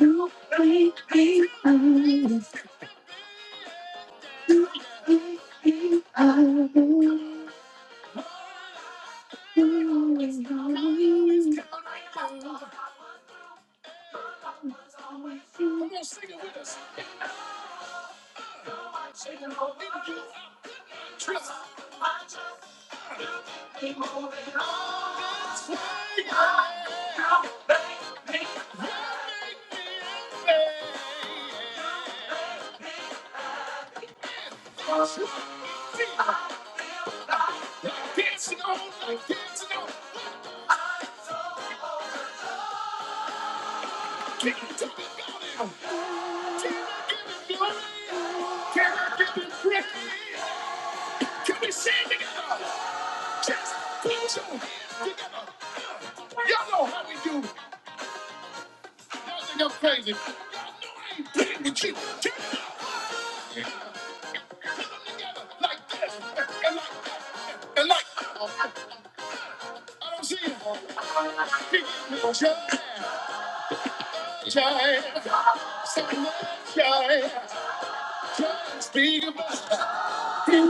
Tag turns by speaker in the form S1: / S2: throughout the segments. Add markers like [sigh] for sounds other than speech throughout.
S1: You You me understand. I will always know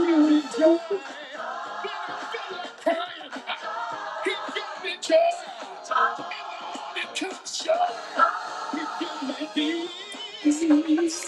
S1: I Sing it me us.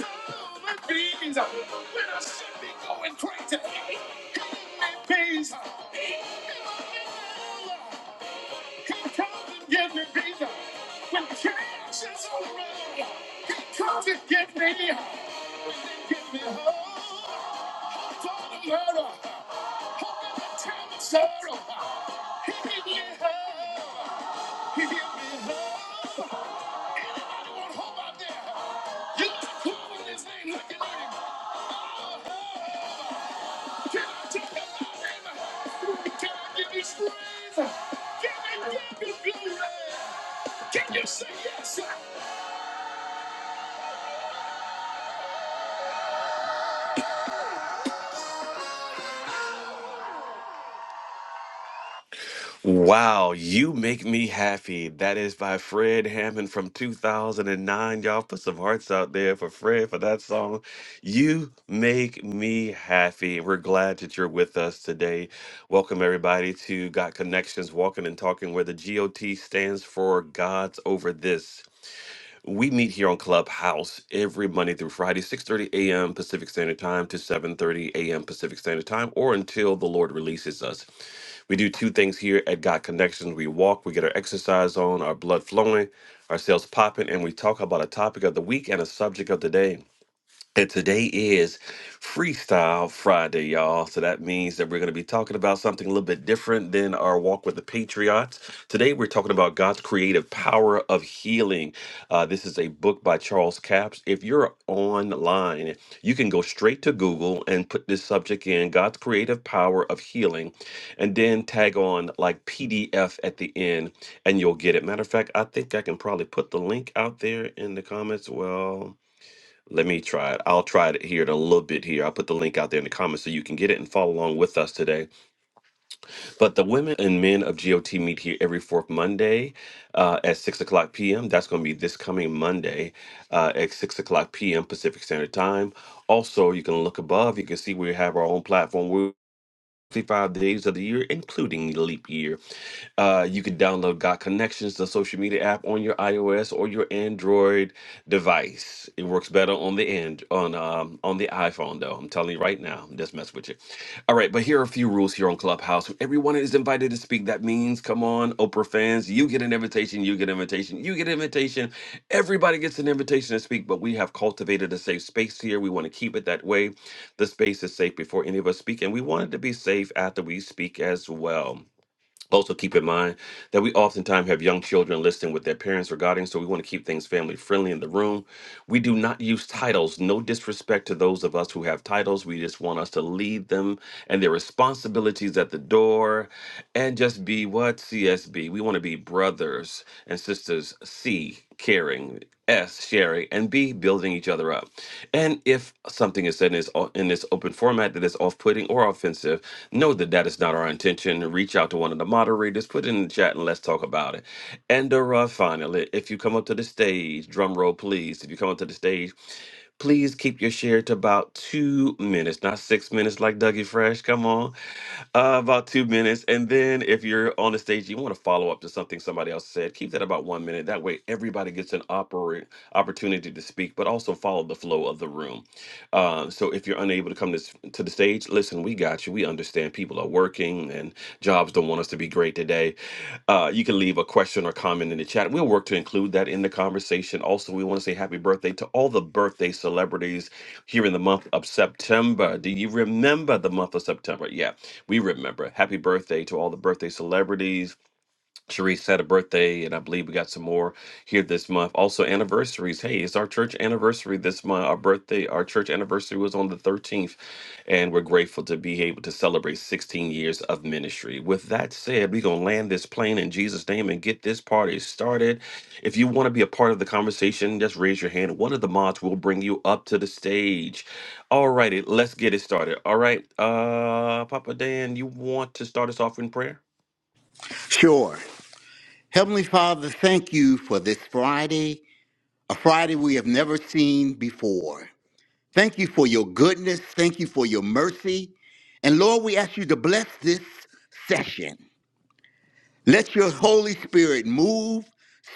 S1: Wow, you make me happy. That is by Fred Hammond from 2009. Y'all put some hearts out there for Fred for that song. You make me happy. We're glad that you're with us today. Welcome, everybody, to Got Connections Walking and Talking, where the GOT stands for God's Over This. We meet here on Clubhouse every Monday through Friday, 6:30 a.m. Pacific Standard Time to 7:30 a.m. Pacific Standard Time, or until the Lord releases us. We do two things here at God Connections. We walk, we get our exercise on, our blood flowing, our cells popping, and we talk about a topic of the week and a subject of the day. And today is Freestyle Friday, y'all. So that means that we're going to be talking about something a little bit different than our walk with the Patriots. Today, we're talking about God's creative power of healing. Uh, this is a book by Charles Capps. If you're online, you can go straight to Google and put this subject in God's creative power of healing, and then tag on like PDF at the end, and you'll get it. Matter of fact, I think I can probably put the link out there in the comments. Well, let me try it. I'll try it here in a little bit here. I'll put the link out there in the comments so you can get it and follow along with us today. But the women and men of GOT meet here every fourth Monday uh, at 6 o'clock p.m. That's going to be this coming Monday uh, at 6 o'clock p.m. Pacific Standard Time. Also, you can look above. You can see we have our own platform. 65 days of the year, including leap year. Uh, you can download Got Connections, the social media app, on your iOS or your Android device. It works better on the end on um, on the iPhone, though. I'm telling you right now, I'm just messing with you. All right, but here are a few rules here on Clubhouse. Everyone is invited to speak. That means, come on, Oprah fans, you get an invitation, you get an invitation, you get an invitation. Everybody gets an invitation to speak, but we have cultivated a safe space here. We want to keep it that way the space is safe before any of us speak, and we want it to be safe after we speak as well. Also, keep in mind that we oftentimes have young children listening with their parents regarding, so we want to keep things family friendly in the room. We do not use titles. No disrespect to those of us who have titles. We just want us to lead them and their responsibilities at the door and just be what? CSB. We want to be brothers and sisters is C, caring, S, sharing, and B, building each other up. And if something is said in this, in this open format that is off putting or offensive, know that that is not our intention. Reach out to one of the moderators, put it in the chat, and let's talk about it. And uh, finally, if you come up to the stage, drum roll please, if you come up to the stage, please keep your share to about two minutes, not six minutes like Dougie Fresh. Come on uh, about two minutes. And then if you're on the stage, you want to follow up to something somebody else said, keep that about one minute. That way, everybody gets an oppor- opportunity to speak, but also follow the flow of the room. Uh, so if you're unable to come to, to the stage, listen, we got you. We understand people are working and jobs don't want us to be great today. Uh, you can leave a question or comment in the chat. We'll work to include that in the conversation. Also, we want to say happy birthday to all the birthday celebrities here in the month of September. Do you remember the month of September? Yeah, we remember. Happy birthday to all the birthday celebrities Sharice had a birthday, and I believe we got some more here this month. Also, anniversaries. Hey, it's our church anniversary this month. Our birthday, our church anniversary was on the 13th, and we're grateful to be able to celebrate 16 years of ministry. With that said, we're going to land this plane in Jesus' name and get this party started. If you want to be a part of the conversation, just raise your hand. One of the mods will bring you up to the stage. All righty, let's get it started. All right, uh, Papa Dan, you want to start us off in prayer?
S2: Sure. Heavenly Father, thank you for this Friday, a Friday we have never seen before. Thank you for your goodness. Thank you for your mercy. And Lord, we ask you to bless this session. Let your Holy Spirit move,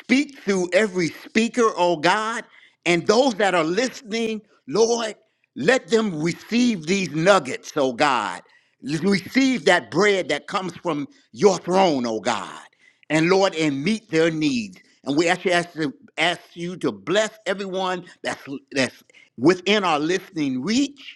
S2: speak through every speaker, oh God, and those that are listening, Lord, let them receive these nuggets, oh God. Receive that bread that comes from your throne, oh God. And Lord, and meet their needs. And we actually ask, to, ask you to bless everyone that's, that's within our listening reach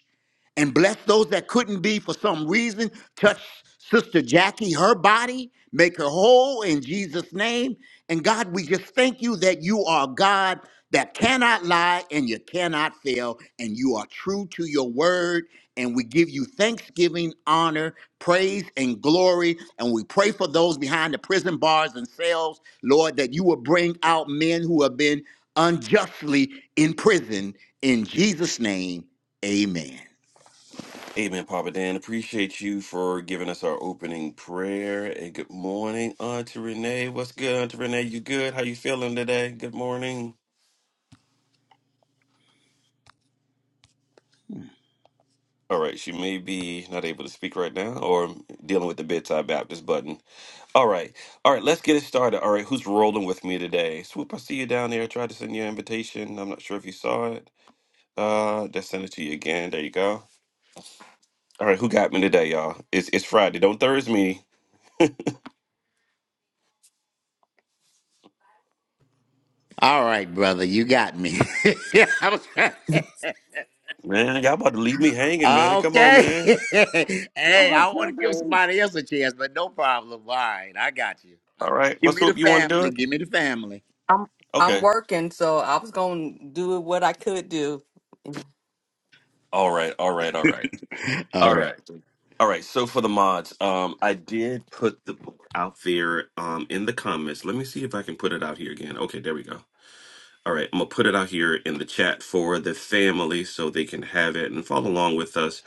S2: and bless those that couldn't be for some reason. Touch Sister Jackie, her body, make her whole in Jesus' name. And God, we just thank you that you are God that cannot lie and you cannot fail, and you are true to your word. And we give you thanksgiving, honor, praise, and glory. And we pray for those behind the prison bars and cells, Lord, that you will bring out men who have been unjustly in prison. In Jesus' name, amen.
S1: Amen, Papa Dan. Appreciate you for giving us our opening prayer. And good morning, Auntie Renee. What's good, Auntie Renee? You good? How you feeling today? Good morning. All right, she may be not able to speak right now or dealing with the bedside Baptist button. All right. All right, let's get it started. All right, who's rolling with me today? Swoop, I see you down there. I tried to send you an invitation. I'm not sure if you saw it. Uh, just send it to you again. There you go. All right, who got me today, y'all? It's it's Friday. Don't Thursday me.
S2: All right, brother, you got me. [laughs] I was trying- [laughs]
S1: Man, y'all about to leave me hanging, man. Come on,
S2: okay.
S1: man.
S2: [laughs] hey, I want to give somebody else a chance, but no problem. All right, I got you. I-
S1: All right.
S2: Give
S1: What
S2: me the
S1: swoop you want to do
S2: family.
S1: it?
S2: Give me the family.
S3: I'm I'm
S1: Okay.
S3: working, so I was gonna do what I could do.
S1: All right. All right. All right.
S2: [laughs] All
S1: All
S2: right.
S1: right. All right. So for the mods, um, I did put the book out there um in the comments. Let me see if I can put it out here again. Okay, there we go. All right, I'm gonna put it out here in the chat for the family so they can have it and follow along with us.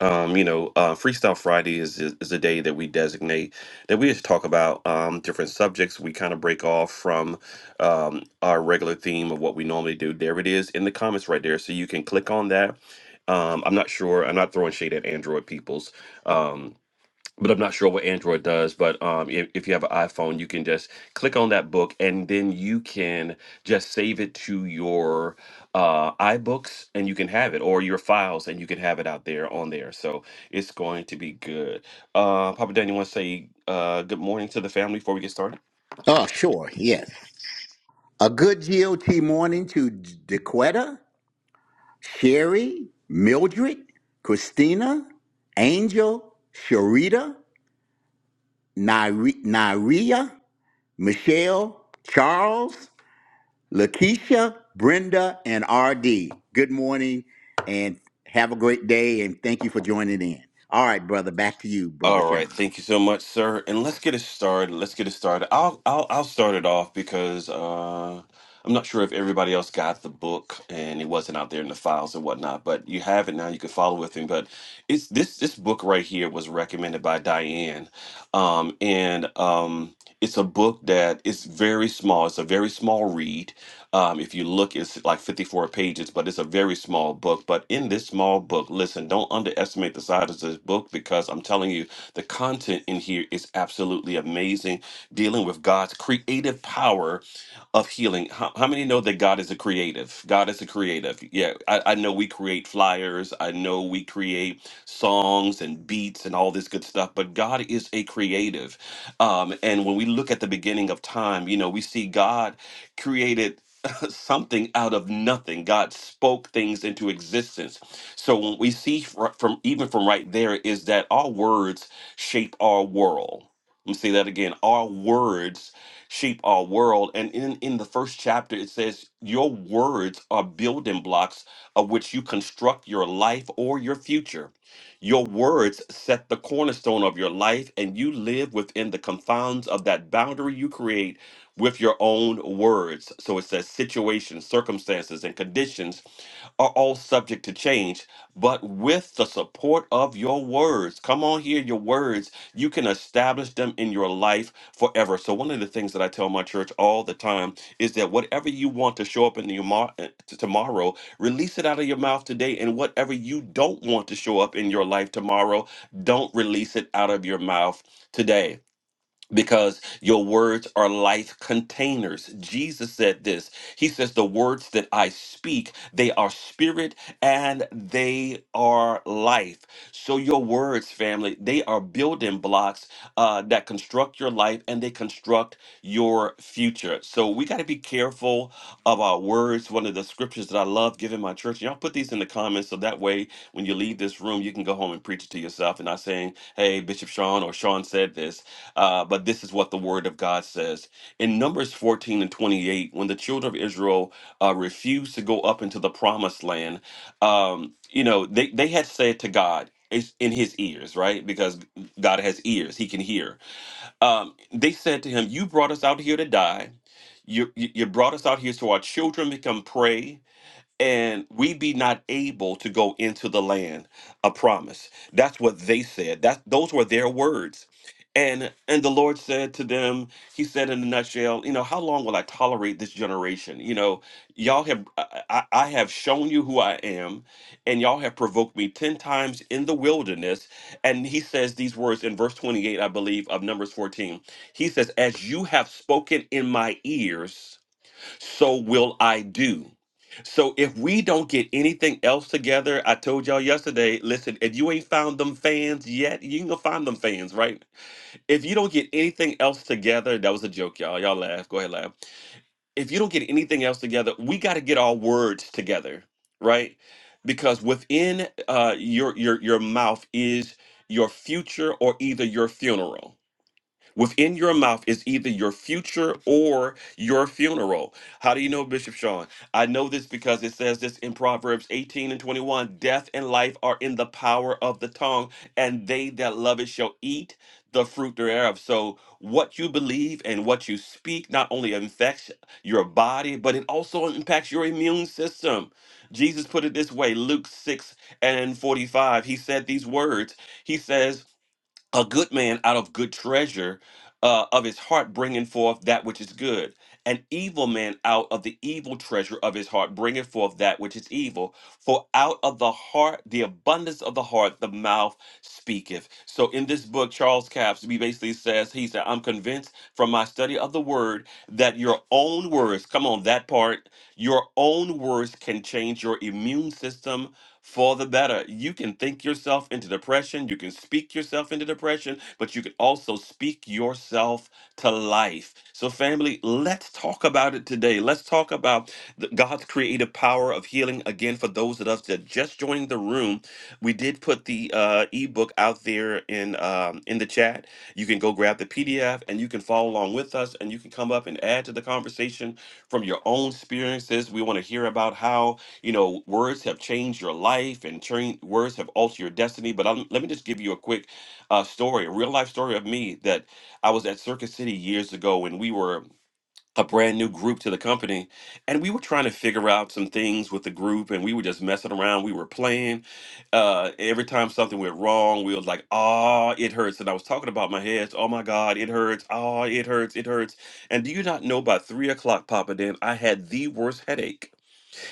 S1: Um, you know, uh, Freestyle Friday is, is is a day that we designate that we just talk about um, different subjects. We kind of break off from um, our regular theme of what we normally do. There it is in the comments right there, so you can click on that. Um, I'm not sure. I'm not throwing shade at Android peoples. Um, but I'm not sure what Android does. But um, if, if you have an iPhone, you can just click on that book and then you can just save it to your uh, iBooks and you can have it or your files and you can have it out there on there. So it's going to be good. Uh, Papa Dan, you want to say uh, good morning to the family before we get started?
S2: Oh, sure. Yes. A good GOT morning to Dequetta, Sherry, Mildred, Christina, Angel, Sharita, Nari- Naria, Michelle, Charles. Lakeisha, Brenda, and RD. Good morning and have a great day and thank you for joining in. All right, brother, back to you, brother
S1: All
S2: Sean.
S1: right, thank you so much, sir. And let's get it started. Let's get it started. I'll I'll I'll start it off because uh I'm not sure if everybody else got the book and it wasn't out there in the files and whatnot, but you have it now. You can follow with me. But it's this this book right here was recommended by Diane. Um and um it's a book that is very small. It's a very small read. Um, if you look, it's like 54 pages, but it's a very small book. But in this small book, listen, don't underestimate the size of this book because I'm telling you, the content in here is absolutely amazing, dealing with God's creative power of healing. How, how many know that God is a creative? God is a creative. Yeah, I, I know we create flyers, I know we create songs and beats and all this good stuff, but God is a creative. Um, and when we look at the beginning of time, you know, we see God created. [laughs] something out of nothing. God spoke things into existence. So what we see fr- from even from right there is that our words shape our world. Let me say that again. Our words shape our world. And in, in the first chapter, it says, Your words are building blocks of which you construct your life or your future. Your words set the cornerstone of your life, and you live within the confounds of that boundary you create with your own words. So it says situations, circumstances, and conditions are all subject to change, but with the support of your words, come on here, your words, you can establish them in your life forever. So one of the things that I tell my church all the time is that whatever you want to show up in your mar- uh, t- tomorrow, release it out of your mouth today, and whatever you don't want to show up in your life tomorrow, don't release it out of your mouth today because your words are life containers. Jesus said this. He says, The words that I speak, they are spirit and they are life. So, your words, family, they are building blocks uh, that construct your life and they construct your future. So, we got to be careful of our words. One of the scriptures that I love giving my church, y'all put these in the comments so that way when you leave this room, you can go home and preach it to yourself and not saying, Hey, Bishop Sean or Sean said this uh, but this is what the word of God says. In Numbers 14 and 28, when the children of Israel uh, refused to go up into the promised land, um, you know, they, they had said to God, it's in his ears, right? Because God has ears, he can hear. Um, they said to him, You brought us out here to die. You, you you brought us out here so our children can come pray and we be not able to go into the land of promise. That's what they said. That those were their words. And and the Lord said to them, He said in a nutshell, you know, how long will I tolerate this generation? You know, y'all have I, I I have shown you who I am, and y'all have provoked me ten times in the wilderness. And he says these words in verse 28, I believe, of Numbers 14. He says, As you have spoken in my ears so will I do. So if we don't get anything else together, I told y'all yesterday, listen, if you ain't found them fans yet, you can go find them fans, right? If you don't get anything else together, that was a joke, y'all. Y'all laugh. Go ahead, laugh. If you don't get anything else together, we got to get our words together, right? Because within uh, your your your mouth is your future or either your funeral Within your mouth is either your future or your funeral. How do you know, Bishop Sean? I know this because it says this in Proverbs 18 and 21 Death and life are in the power of the tongue, and they that love it shall eat the fruit thereof. So, what you believe and what you speak not only affects your body, but it also impacts your immune system. Jesus put it this way Luke 6 and 45. He said these words. He says, a good man out of good treasure uh, of his heart bringing forth that which is good an evil man out of the evil treasure of his heart bringing forth that which is evil for out of the heart the abundance of the heart the mouth speaketh so in this book charles capps he basically says he said i'm convinced from my study of the word that your own words come on that part your own words can change your immune system for the better. You can think yourself into depression, you can speak yourself into depression, but you can also speak yourself to life. So, family, let's talk about it today. Let's talk about the, God's creative power of healing. Again, for those of us that just joined the room, we did put the uh, ebook out there in um, in the chat. You can go grab the PDF and you can follow along with us, and you can come up and add to the conversation from your own experiences. We want to hear about how you know words have changed your life and changed, words have altered your destiny but I'm, let me just give you a quick uh, story a real life story of me that i was at circuit city years ago when we were a brand new group to the company and we were trying to figure out some things with the group and we were just messing around we were playing uh, every time something went wrong we was like ah it hurts and i was talking about my heads oh my god it hurts ah it hurts it hurts and do you not know by three o'clock papa dan i had the worst headache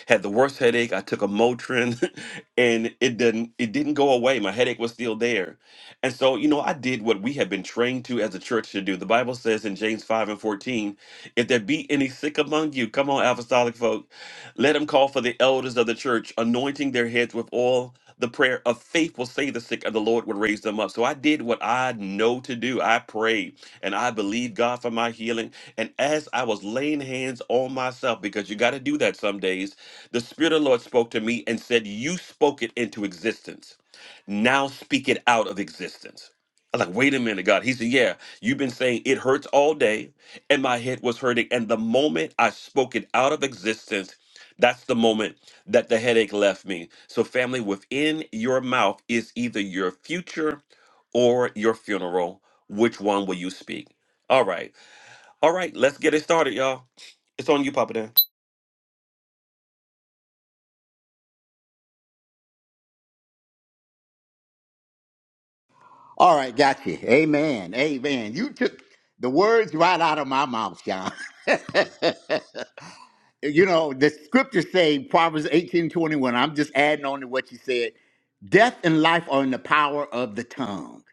S1: had the worst headache. I took a Motrin, [laughs] and it didn't it didn't go away. My headache was still there, and so you know I did what we have been trained to as a church to do. The Bible says in James five and fourteen, if there be any sick among you, come on, apostolic folk, let them call for the elders of the church, anointing their heads with oil. The prayer of faith will save the sick, and the Lord would raise them up. So I did what I know to do. I prayed, and I believed God for my healing. And as I was laying hands on myself, because you got to do that some days, the Spirit of the Lord spoke to me and said, You spoke it into existence. Now speak it out of existence. I'm like, wait a minute, God. He said, Yeah, you've been saying it hurts all day, and my head was hurting. And the moment I spoke it out of existence, that's the moment that the headache left me. So, family, within your mouth is either your future or your funeral. Which one will you speak? All right. All right, let's get it started, y'all. It's on you, Papa Dan.
S2: All right, got you. Amen. Amen. You took the words right out of my mouth, Sean. [laughs] you know, the scriptures say Proverbs eighteen twenty-one. I'm just adding on to what you said. Death and life are in the power of the tongue.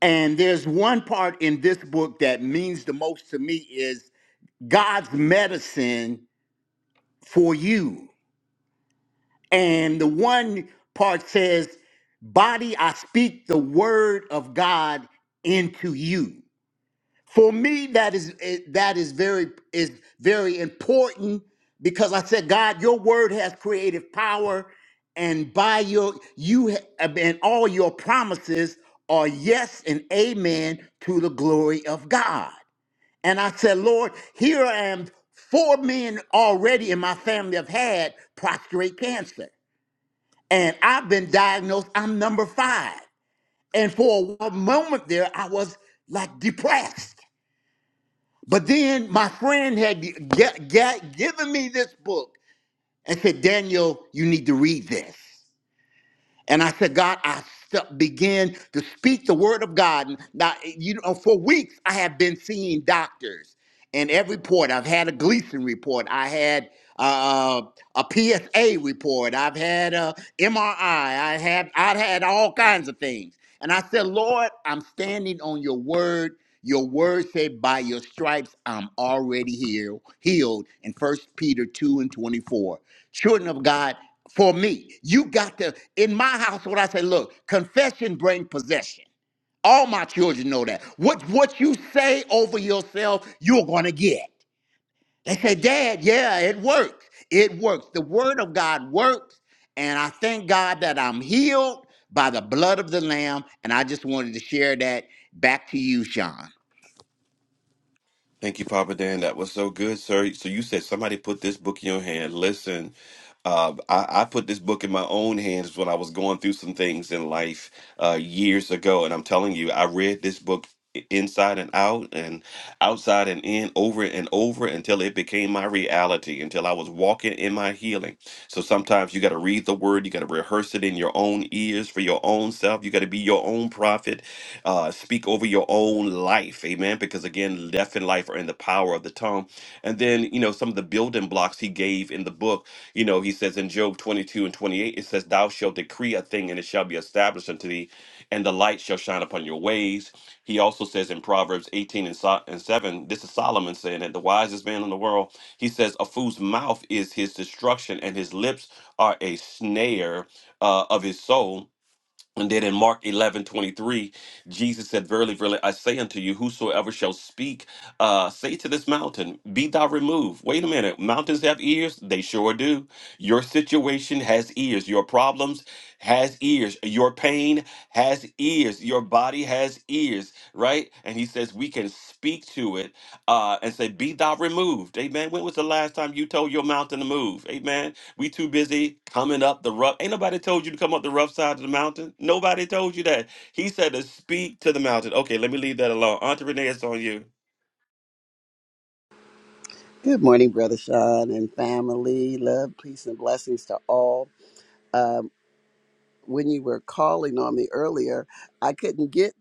S2: And there's one part in this book that means the most to me is God's medicine for you. And the one part says, Body, I speak the word of God into you. For me, that is eh, that is very is very important because I said, God, your word has creative power, and by your you ha- and all your promises are yes and amen to the glory of God. And I said, Lord, here I am. Four men already in my family have had prostate cancer. And I've been diagnosed, I'm number five. And for a moment there, I was like depressed. But then my friend had g- g- g- given me this book and said, Daniel, you need to read this. And I said, God, I st- began to speak the word of God. And Now, you know, for weeks I have been seeing doctors, and every report I've had a Gleason report, I had uh, a PSA report, I've had a MRI, I I have I had all kinds of things. And I said, Lord, I'm standing on your word. Your word said, by your stripes, I'm already healed, healed in First Peter 2 and 24. Children of God, for me. You got to, in my household, I say, look, confession brings possession. All my children know that. What what you say over yourself, you're gonna get. They say, Dad, yeah, it works. It works. The word of God works, and I thank God that I'm healed by the blood of the Lamb. And I just wanted to share that back to you, Sean.
S1: Thank you, Papa Dan. That was so good, sir. So you said somebody put this book in your hand. Listen, uh, I, I put this book in my own hands when I was going through some things in life uh, years ago, and I'm telling you, I read this book i- inside and out and outside and in over and over until it became my reality until i was walking in my healing so sometimes you got to read the word you got to rehearse it in your own ears for your own self you got to be your own prophet uh, speak over your own life. Amen. Because again, death and life are in the power of the tongue. And then, you know, some of the building blocks he gave in the book, you know, he says in Job 22 and 28, it says, Thou shalt decree a thing and it shall be established unto thee, and the light shall shine upon your ways. He also says in Proverbs 18 and so- and 7, this is Solomon saying it, the wisest man in the world, he says, A fool's mouth is his destruction, and his lips are a snare uh, of his soul and then in Mark 11 23, Jesus said, Verily, verily, I say unto you, whosoever shall speak, uh, say to this mountain, Be thou removed. Wait a minute. Mountains have ears? They sure do. Your situation has ears. Your problems has ears. Your pain has ears. Your body has ears, right? And he says, We can speak to it uh, and say, Be thou removed. Amen. When was the last time you told your mountain to move? Amen. We too busy coming up the rough. Ain't nobody told you to come up the rough side of the mountain. Nobody told you that. He said to speak to the mountain. Okay, let me leave that alone. Auntie Renee, it's on you.
S4: Good morning, Brother Sean and family. Love, peace, and blessings to all. Um, when you were calling on me earlier, I couldn't get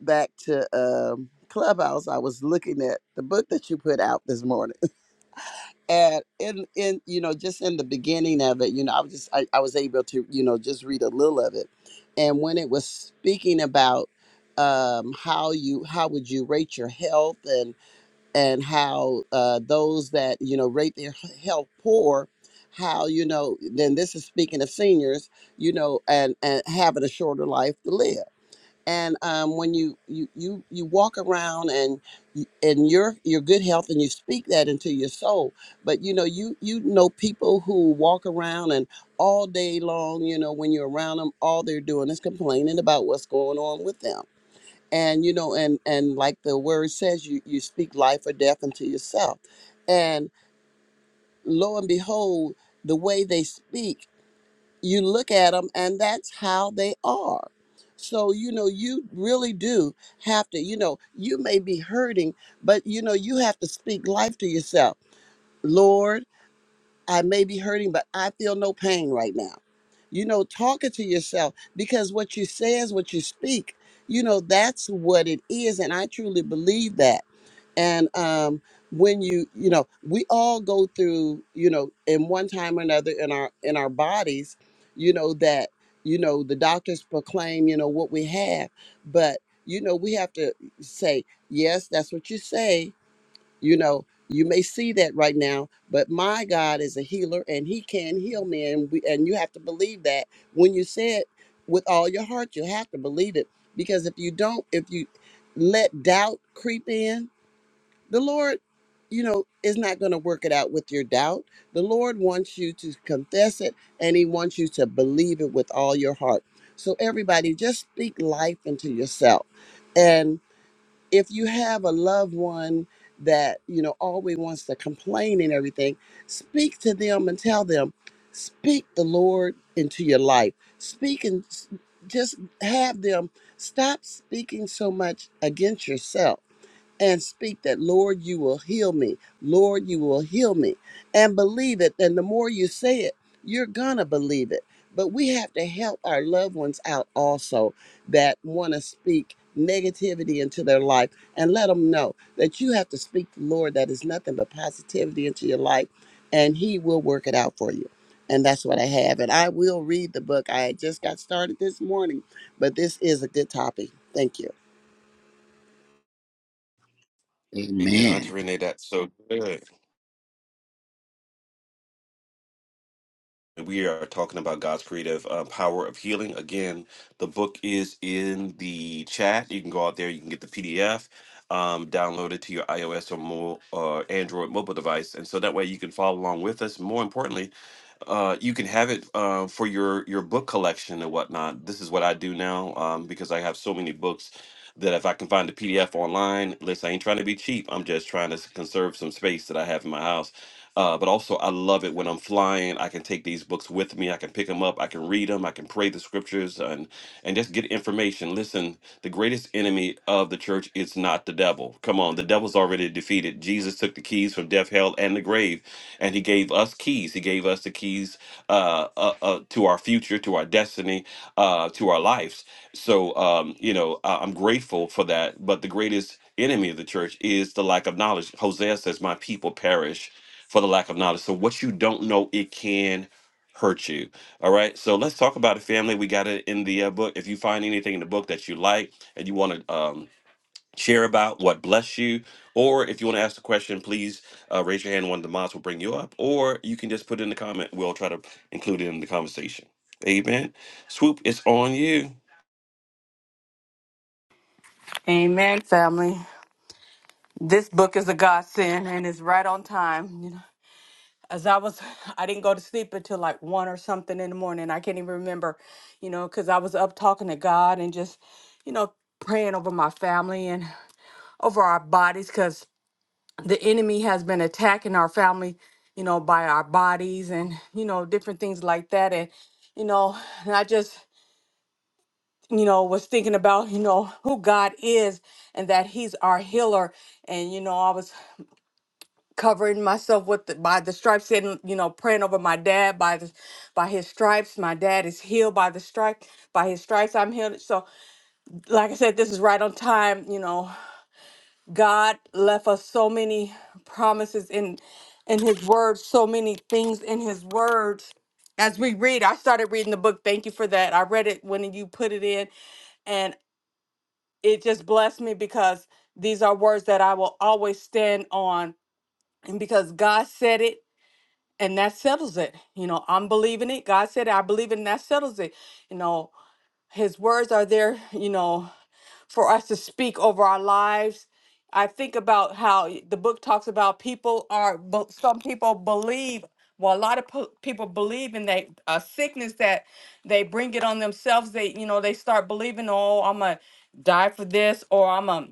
S4: back to um, Clubhouse. I was looking at the book that you put out this morning. And in, in you know, just in the beginning of it, you know, I was just I, I was able to, you know, just read a little of it. And when it was speaking about um, how you how would you rate your health and and how uh, those that you know rate their health poor how you know then this is speaking of seniors you know and and having a shorter life to live and um, when you, you you you walk around and you- and your your good health and you speak that into your soul but you know you you know people who walk around and all day long you know when you're around them all they're doing is complaining about what's going on with them and you know and and like the word says you you speak life or death unto yourself and lo and behold the way they speak you look at them and that's how they are so you know you really do have to you know you may be hurting but you know you have to speak life to yourself lord i may be hurting but i feel no pain right now you know talking to yourself because what you say is what you speak you know that's what it is and i truly believe that and um when you you know we all go through you know in one time or another in our in our bodies you know that you know the doctors proclaim you know what we have but you know we have to say yes that's what you say you know you may see that right now but my god is a healer and he can heal me and we and you have to believe that when you say it with all your heart you have to believe it because if you don't if you let doubt creep in the Lord, you know, is not going to work it out with your doubt. The Lord wants you to confess it and He wants you to believe it with all your heart. So, everybody, just speak life into yourself. And if you have a loved one that, you know, always wants to complain and everything, speak to them and tell them, speak the Lord into your life. Speak and s- just have them stop speaking so much against yourself and speak that, Lord, you will heal me. Lord, you will heal me. And believe it. And the more you say it, you're going to believe it. But we have to help our loved ones out also that want to speak negativity into their life and let them know that you have to speak the Lord that is nothing but positivity into your life and He will work it out for you. And that's what I have. And I will read the book. I just got started this morning, but this is a good topic. Thank you.
S1: Amen. Auntie
S2: Amen.
S1: Renee, that's so good. We are talking about God's creative uh, power of healing. Again, the book is in the chat. You can go out there, you can get the PDF, um, download it to your iOS or mo- uh, Android mobile device. And so that way you can follow along with us. More importantly, uh, you can have it uh, for your your book collection and whatnot. This is what I do now um, because I have so many books that if I can find a PDF online, listen, I ain't trying to be cheap. I'm just trying to s- conserve some space that I have in my house. Uh, but also, I love it when I'm flying. I can take these books with me. I can pick them up. I can read them. I can pray the scriptures and and just get information. Listen, the greatest enemy of the church is not the devil. Come on, the devil's already defeated. Jesus took the keys from death, hell, and the grave and he gave us keys. He gave us the keys uh, uh, uh, to our future, to our destiny, uh, to our lives. So, um, you know, uh, I'm grateful for that. But the greatest enemy of the church is the lack of knowledge. Hosea says, My people perish for the lack of knowledge. So, what you don't know, it can hurt you. All right. So, let's talk about it, family. We got it in the uh, book. If you find anything in the book that you like and you want to, um, share about what blessed you. Or if you want to ask the question, please uh, raise your hand. One of the mods will bring you up. Or you can just put it in the comment. We'll try to include it in the conversation. Amen. Swoop, it's on you.
S3: Amen, family. This book is a godsend and it's right on time. You know, as I was, I didn't go to sleep until like one or something in the morning. I can't even remember, you know, because I was up talking to God and just, you know, praying over my family and over our bodies because the enemy has been attacking our family, you know, by our bodies and, you know, different things like that. And, you know, and I just, you know, was thinking about, you know, who God is and that He's our healer. And, you know, I was covering myself with the, by the stripes and, you know, praying over my dad by the, by his stripes. My dad is healed by the stripe, by his stripes I'm healed. So, like I said, this is right on time. You know, God left us so many promises in, in his word, so many things in his words as we read, I started reading the book. Thank you for that. I read it when you put it in, and it just blessed me because these are words that I will always stand on. And because God said it, and that settles it. You know, I'm believing it. God said it. I believe it, and that settles it. You know, His words are there, you know, for us to speak over our lives. I think about how y- the book talks about people are, bu- some people believe, well, a lot of po- people believe in that uh, sickness that they bring it on themselves. They, you know, they start believing, oh, I'm a die for this or I'm a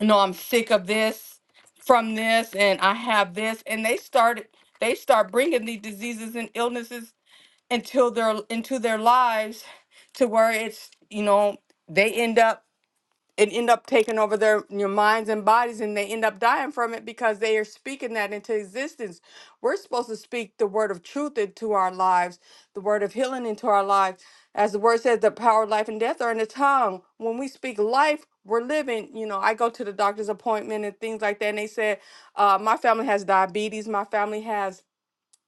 S3: no i'm sick of this from this and i have this and they started they start bringing these diseases and illnesses until their into their lives to where it's you know they end up and end up taking over their your minds and bodies and they end up dying from it because they are speaking that into existence we're supposed to speak the word of truth into our lives the word of healing into our lives as the word says the power of life and death are in the tongue when we speak life we're living you know i go to the doctor's appointment and things like that and they said uh, my family has diabetes my family has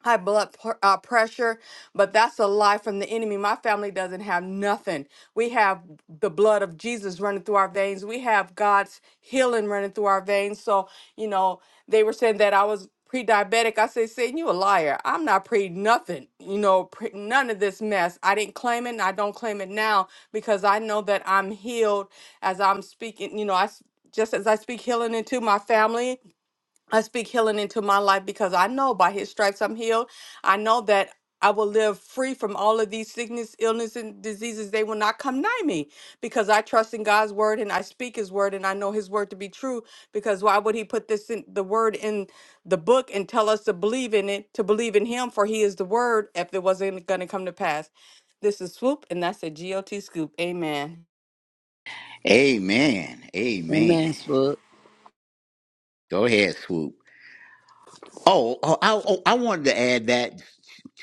S3: high blood pr- uh, pressure, but that's a lie from the enemy. My family doesn't have nothing. We have the blood of Jesus running through our veins. We have God's healing running through our veins. So, you know, they were saying that I was pre-diabetic. I said, Satan, you a liar. I'm not pre nothing, you know, pre- none of this mess. I didn't claim it and I don't claim it now because I know that I'm healed as I'm speaking, you know, I s- just as I speak healing into my family I speak healing into my life because I know by his stripes I'm healed. I know that I will live free from all of these sickness, illness, and diseases. They will not come nigh me because I trust in God's word and I speak his word and I know his word to be true. Because why would he put this in the word in the book and tell us to believe in it, to believe in him? For he is the word if it wasn't going to come to pass. This is Swoop, and that's a G O T scoop. Amen.
S2: Amen. Amen.
S4: Amen.
S2: Go ahead, Swoop. Oh, oh, I, oh, I wanted to add that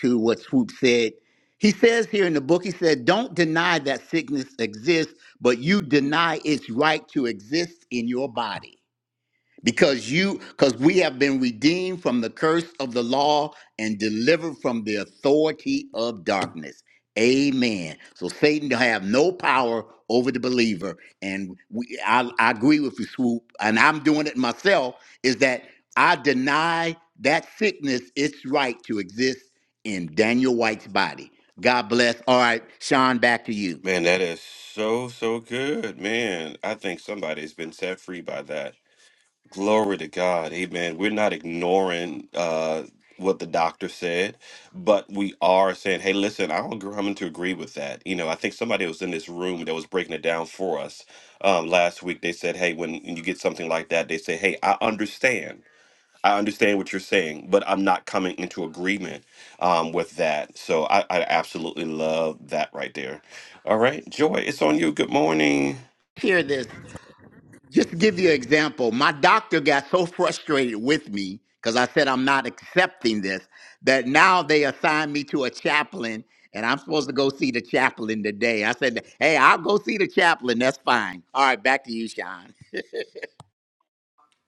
S2: to what Swoop said. He says here in the book, he said, Don't deny that sickness exists, but you deny its right to exist in your body because you because we have been redeemed from the curse of the law and delivered from the authority of darkness amen so satan to have no power over the believer and we, I, I agree with you swoop and i'm doing it myself is that i deny that sickness its right to exist in daniel white's body god bless all right sean back to you
S1: Man, that is so, so good. Man, I think somebody's been set free by that. Glory to God. Amen. We're not ignoring uh, what the doctor said, but we are saying, hey, listen, I don't agree, I'm to agree with that. You know, I think somebody was in this room that was breaking it down for us um, last week. They said, hey, when you get something like that, they say, hey, I understand. I understand what you're saying, but I'm not coming into agreement um, with that. So I, I absolutely love that right there. All right, Joy, it's on you. Good morning.
S2: hear this Just to give you an example, my doctor got so frustrated with me because I said I'm not accepting this that now they assigned me to a chaplain and I'm supposed to go see the chaplain today. I said, hey, I'll go see the chaplain. That's fine. All right, back to you, Sean.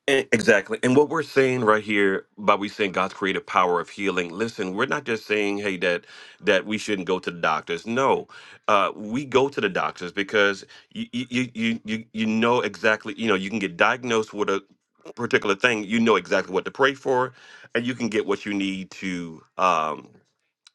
S1: E- Exactly. And what we're saying right here by we saying God's creative power of healing, listen, we're not just saying, hey, that that we shouldn't go to the doctors. No, uh, we go to the doctors because you, you, you, you, you know exactly, you know, you can get diagnosed with a particular thing. You know exactly what to pray for and you can get what you need to. Um,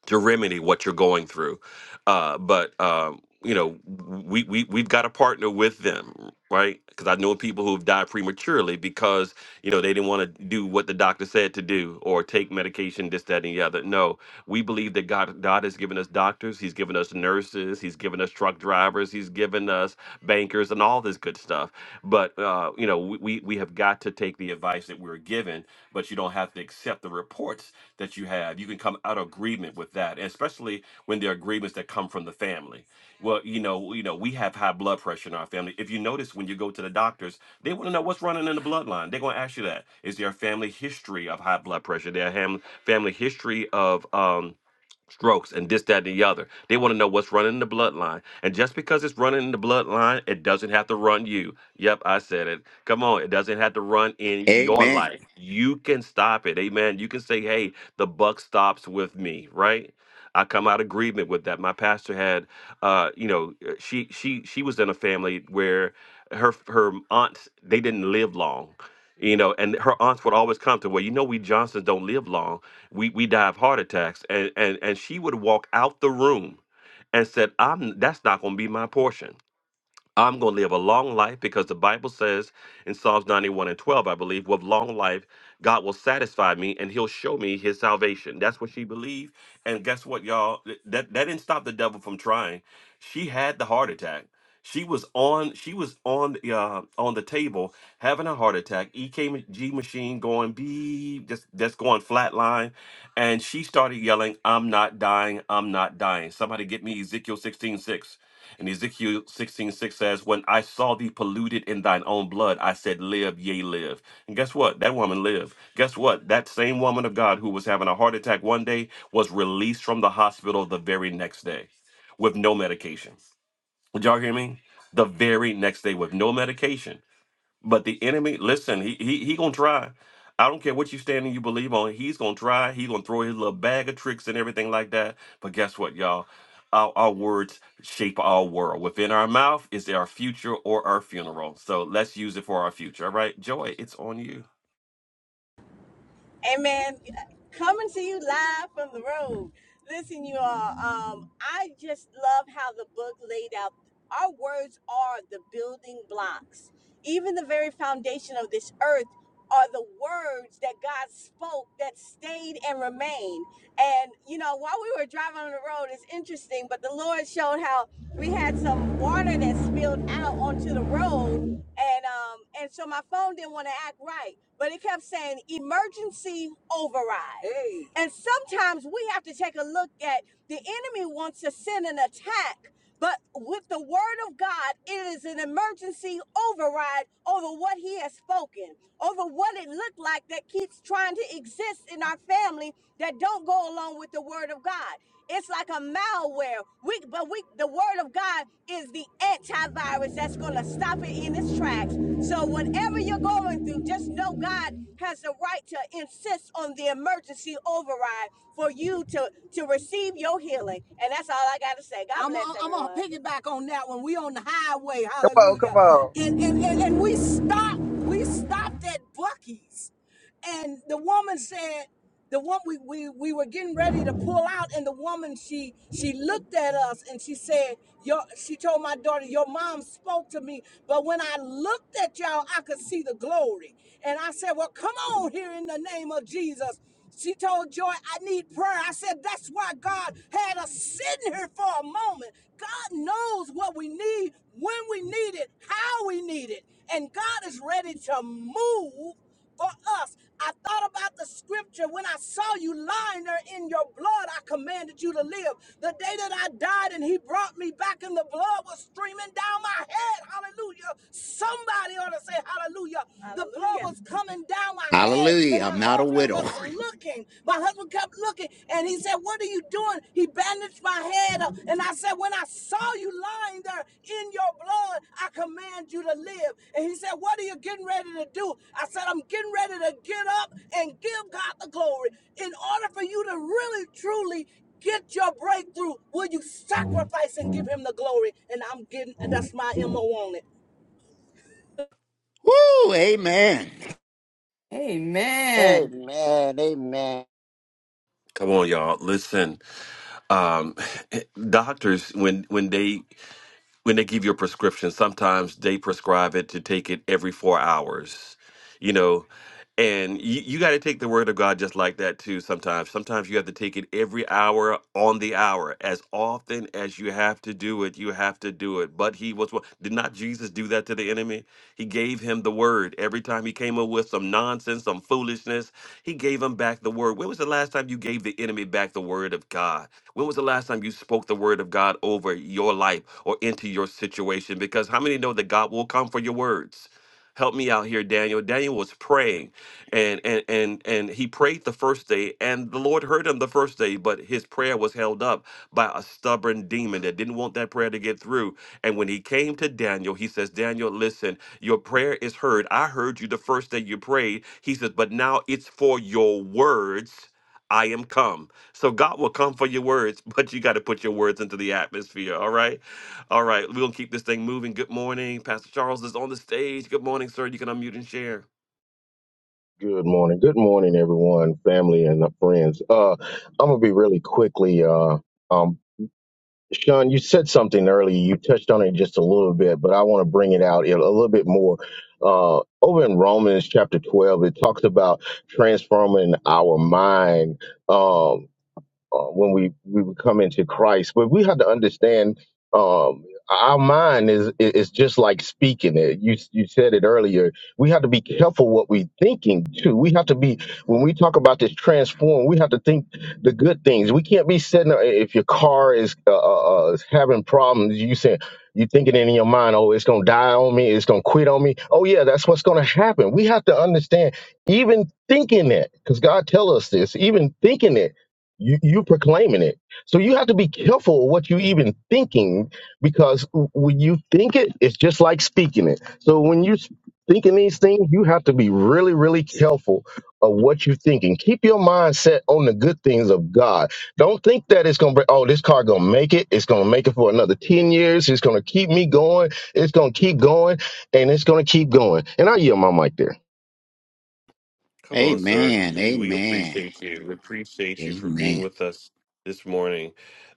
S1: to remedy what you're going through. Uh, but um, you know, we we we've got to partner with them, right? Because I know people who've died prematurely because you know they didn't want to do what the doctor said to do or take medication, this, that, and the other. No, we believe that God God has given us doctors, He's given us nurses, He's given us truck drivers, He's given us bankers, and all this good stuff. But uh, you know, we we we have got to take the advice that we're given, but you don't have to accept the reports that you have, you can come out of agreement with that, especially when there are agreements that come from the family. Well, you know, you know, we have high blood pressure in our family. If you notice, when you go to the doctors, they want to know what's running in the bloodline. They're going to ask you that: Is there a family history of high blood pressure? Their ham- family history of um, strokes and this, that, and the other. They want to know what's running in the bloodline. And just because it's running in the bloodline, it doesn't have to run you. Yep, I said it. Come on, it doesn't have to run in your.
S2: Amen.
S1: You can stop it. Amen. You can say, hey, the buck stops with me, right? I come out of agreement with that. My pastor had, uh, you know, uh, she she she was in a family where her her aunts they didn't live long, you know, and her aunts would always come to, well, you know, we Johnsons don't live long. We we die of heart attacks, and and and she would walk out the room, and said, I'm that's not going to be my portion I'm going to live a long life because the Bible says in Psalms 91 and 12, I believe, with long life, God will satisfy me and he'll show me his salvation. That's what she believed. And guess what, y'all? Th- That, that didn't stop the devil from trying. She had the heart attack. She was on she was on the, uh, on the table having a heart attack. EKG machine going beep, just that's going flatline, and she started yelling, "I'm not dying! I'm not dying! Somebody get me Ezekiel 16:6." And Ezekiel 16 6 says, When I saw thee polluted in thine own blood, I said, Live, yea, live. And guess what? That woman lived. Guess what? That same woman of God who was having a heart attack one day was released from the hospital the very next day with no medication. Did y'all hear me? The very next day with no medication. But the enemy, listen, he he he gonna try. I don't care what you stand and you believe on. He's gonna try. He's gonna throw his little bag of tricks and everything like that. But guess what, y'all? Our, our words shape our world. Within our mouth is our future or our funeral. So let's use it for our future. All right, Joy, it's on you.
S5: Amen. Coming to you live from the road. Listen, you all, um, I just love how the book laid out. Our words are the building blocks. Even the very foundation of this earth are the words that God spoke that stayed and remained. And, you know, while we were driving on the road, it's interesting, but the Lord showed how we had some water that spilled out onto the road and um and so my phone didn't want to act right but it kept saying emergency override hey. and sometimes we have to take a look at the enemy wants to send an attack but with the word of God, it is an emergency override over what he has spoken, over what it looked like that keeps trying to exist in our family that don't go along with the word of God. It's like a malware. We, but we, the word of God is the antivirus that's going to stop it in its tracks. So, whatever you're going through, just know God has the right to insist on the emergency override for you to, to receive your healing. And that's all I got to say. God I'm bless on, I'm on everyone. piggyback on that one. We on the highway, hallelujah, and and and, and we stop. We we stopped at Bucky's, and the woman said, the one we, we we were getting ready to pull out, and the woman she she looked at us and she said, Your she told my daughter, Your mom spoke to me, but when I looked at y'all, I could see the glory. And I said, Well, come on here in the name of Jesus. She told Joy, I need prayer. I said, That's why God had us sitting here for a moment. God knows what we need, when we need it, how we we need it. And God is ready to move for us. I thought about the scripture when I saw you lying there in your blood, I commanded you to live. The day that I died and he brought me back and the blood was streaming down my head. Hallelujah. Somebody ought to say hallelujah. The blood Hallelujah. was coming down my head and
S2: Hallelujah.
S5: my
S2: I'm not a
S5: husband
S2: widow.
S5: was looking. My husband kept looking looking and he said, What are you doing? He bandaged my head up. And I said, When I saw you lying there in your blood, I command you to live. And he said, What are you getting ready to do? I said, I'm getting ready to get up and give God the glory. In order for you to really, truly get your breakthrough, will you sacrifice and give him the glory? And I'm getting, that's my MO on it.
S2: [laughs] Woo, amen.
S3: Amen.
S4: Amen. Amen.
S1: Come on, y'all. Listen, um, [laughs] [sighs] doctors when when they when they give you a prescription, sometimes they prescribe it to take it every four hours, you know. And you, you got to take the word of God just like that, too, sometimes. Sometimes you have to take it every hour on the hour. As often as you have to do it, you have to do it. But he was, one- did not Jesus do that to the enemy? He gave him the word. Every time he came up with some nonsense, some foolishness, he gave him back the word. When was the last time you gave the enemy back the word of God? When was the last time you spoke the word of God over your life or into your situation? Because how many know that God will come for your words? Help me out here, Daniel. Daniel was praying and and and and he prayed the first day and the Lord heard him the first day, but his prayer was held up by a stubborn demon that didn't want that prayer to get through. And when he came to Daniel, he says, Daniel, listen, your prayer is heard. I heard you the first day you prayed. He says, but now it's for your words. I am come. So God will come for your words, [laughs] but you got to put your words into the atmosphere, all right? All right, we're gonna keep this thing moving. Good morning, Pastor Charles is on the stage. Good morning, sir. You can unmute and share.
S6: Good morning. Good morning, everyone, family and friends. Uh, I'm gonna be really quickly. Uh, um, Sean, you said something earlier. You touched on it just a little bit, but I want to bring it out a little bit more. Uh, over in Romans chapter 12, it talks about transforming our mind. Um, uh, when we we would come into Christ. But we have to understand um, our mind is is just like speaking it. You you said it earlier. We have to be careful what we're thinking too. We have to be when we talk about this transform. We have to think the good things. We can't be sitting there- if your car is uh, uh, uh, is having problems. You saying you thinking it in your mind, oh, it's gonna die on me. It's gonna quit on me. Oh yeah, that's what's gonna happen. We have to understand even thinking that because God tell us this. Even thinking it you, you're proclaiming it. So you have to be careful of what you even thinking because when you think it, it's just like speaking it. So when you're thinking these things, you have to be really, really careful of what you're thinking. Keep your mind set on the good things of God. Don't think that it's going to, oh, this car going to make it. It's going to make it for another 10 years. It's going to keep me going. It's going to keep going and it's going to keep going. And I yield my mic there.
S1: Come on, sir.
S2: Amen.
S1: We we
S2: Amen.
S1: appreciate you. We appreciate you for being
S2: Amen.
S1: with us this morning,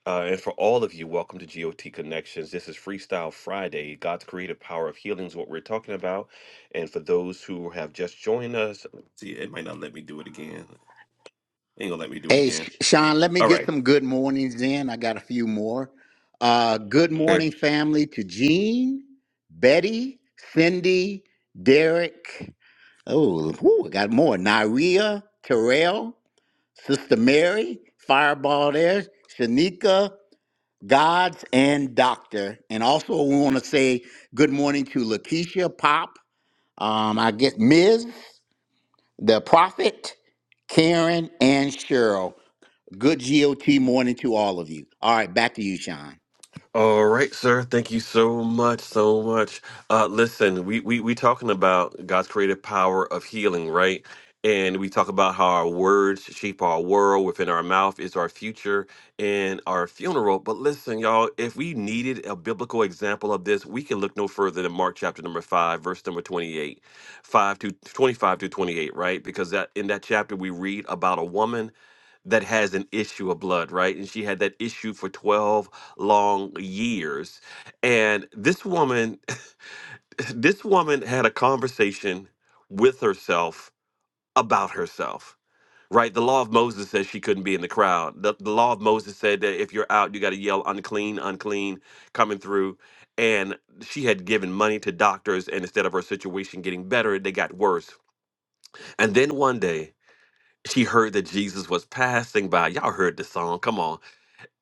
S1: uh, and for all of you. Welcome to GOT Connections. This is Freestyle Friday. God's creative power of healing is what we're talking about. And for those who have just joined us, see, it might not let me do it again. Ain't gonna let me do it
S2: Hey, Sh-
S1: again.
S2: Sean, let me
S1: All
S2: get
S1: right.
S2: some good mornings in. I got a few more. Uh, good morning, family, to Jean, Betty, Cindy, Derek. Oh, whew, I got more. Naria, Terrell, Sister Mary, Fireball there, Shanika, Gods, and Doctor. And also, we want to say good morning to Lakeisha, Pop, um, I guess Ms., the Prophet, Karen, and Cheryl. Good GOT morning to all of you. All right, back to you, Sean.
S1: All right, sir. Thank you so much, so much. Uh, listen, we we we talking about God's creative power of healing, right? And we talk about how our words shape our world. Within our mouth is our future and our funeral. But listen, y'all, if we needed a biblical example of this, we can look no further than Mark chapter number five, verse number twenty-eight, five to twenty-five to twenty-eight, right? Because that in that chapter we read about a woman that has an issue of blood, right? And she had that issue for twelve long years. And this woman, [laughs] this woman had a conversation with herself about herself. Right, the law of Moses says she couldn't be in the crowd. The, the law of Moses said that if you're out, you got to yell unclean, unclean, coming through. And she had given money to doctors, and instead of her situation getting better, they got worse. And then one day, she heard that Jesus was passing by. Y'all heard the song. Come on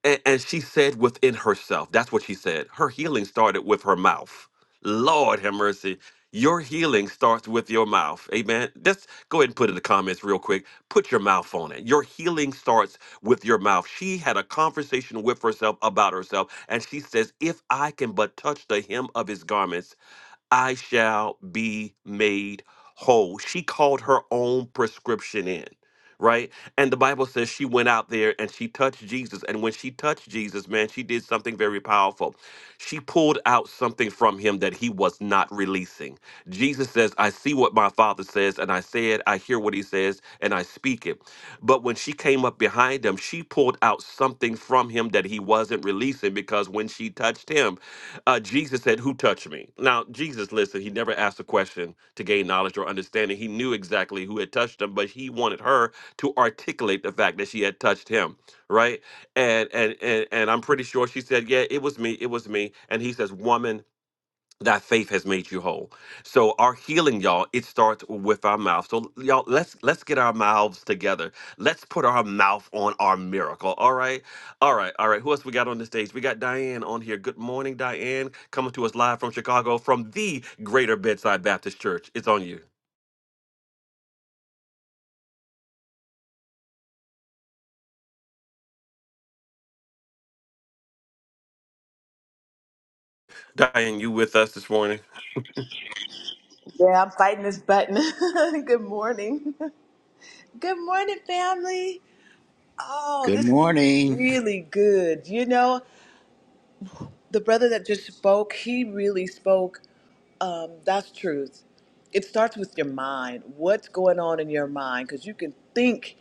S1: and, and she said within herself, that's what she said. Her healing started with her mouth. Lord have mercy. Your healing starts with your mouth. Amen. Let's go ahead and put in the comments real quick. Put your mouth on it. Your healing starts with your mouth. She had a conversation with herself about herself, and she says, If I can but touch the hem of his garments, I shall be made whole. She called her own prescription in, right? And the Bible says she went out there and she touched Jesus. And when she touched Jesus, man, she did something very powerful. She pulled out something from him that he was not releasing. Jesus says, I see what my father says, and I say it, I hear what he says, and I speak it. But when she came up behind him, she pulled out something from him that he wasn't releasing because when she touched him, uh, Jesus said, Who touched me? Now, Jesus, listen, he never asked a question to gain knowledge or understanding. He knew exactly who had touched him, but he wanted her to articulate the fact that she had touched him, right? And and and, and I'm pretty sure she said, Yeah, it was me, it was me. And he says, Woman, that faith has made you whole. So our healing, y'all, it starts with our mouth. So y'all, let's let's get our mouths together. Let's put our mouth on our miracle. All right, all right, all right. Who else we got on the stage? We got Diane on here. Good morning, Diane, coming to us live from Chicago from the Greater Bedside Baptist Church. It's on you, Diane. You with us this morning?
S7: Yeah, I'm fighting this button. [laughs] Good morning. [laughs] Good morning, family. Oh,
S2: Good
S7: this is
S2: morning.
S7: really good. You know, the brother that just spoke, he really spoke. Um, that's truth. It starts with your mind. What's going on in your mind? Because you can think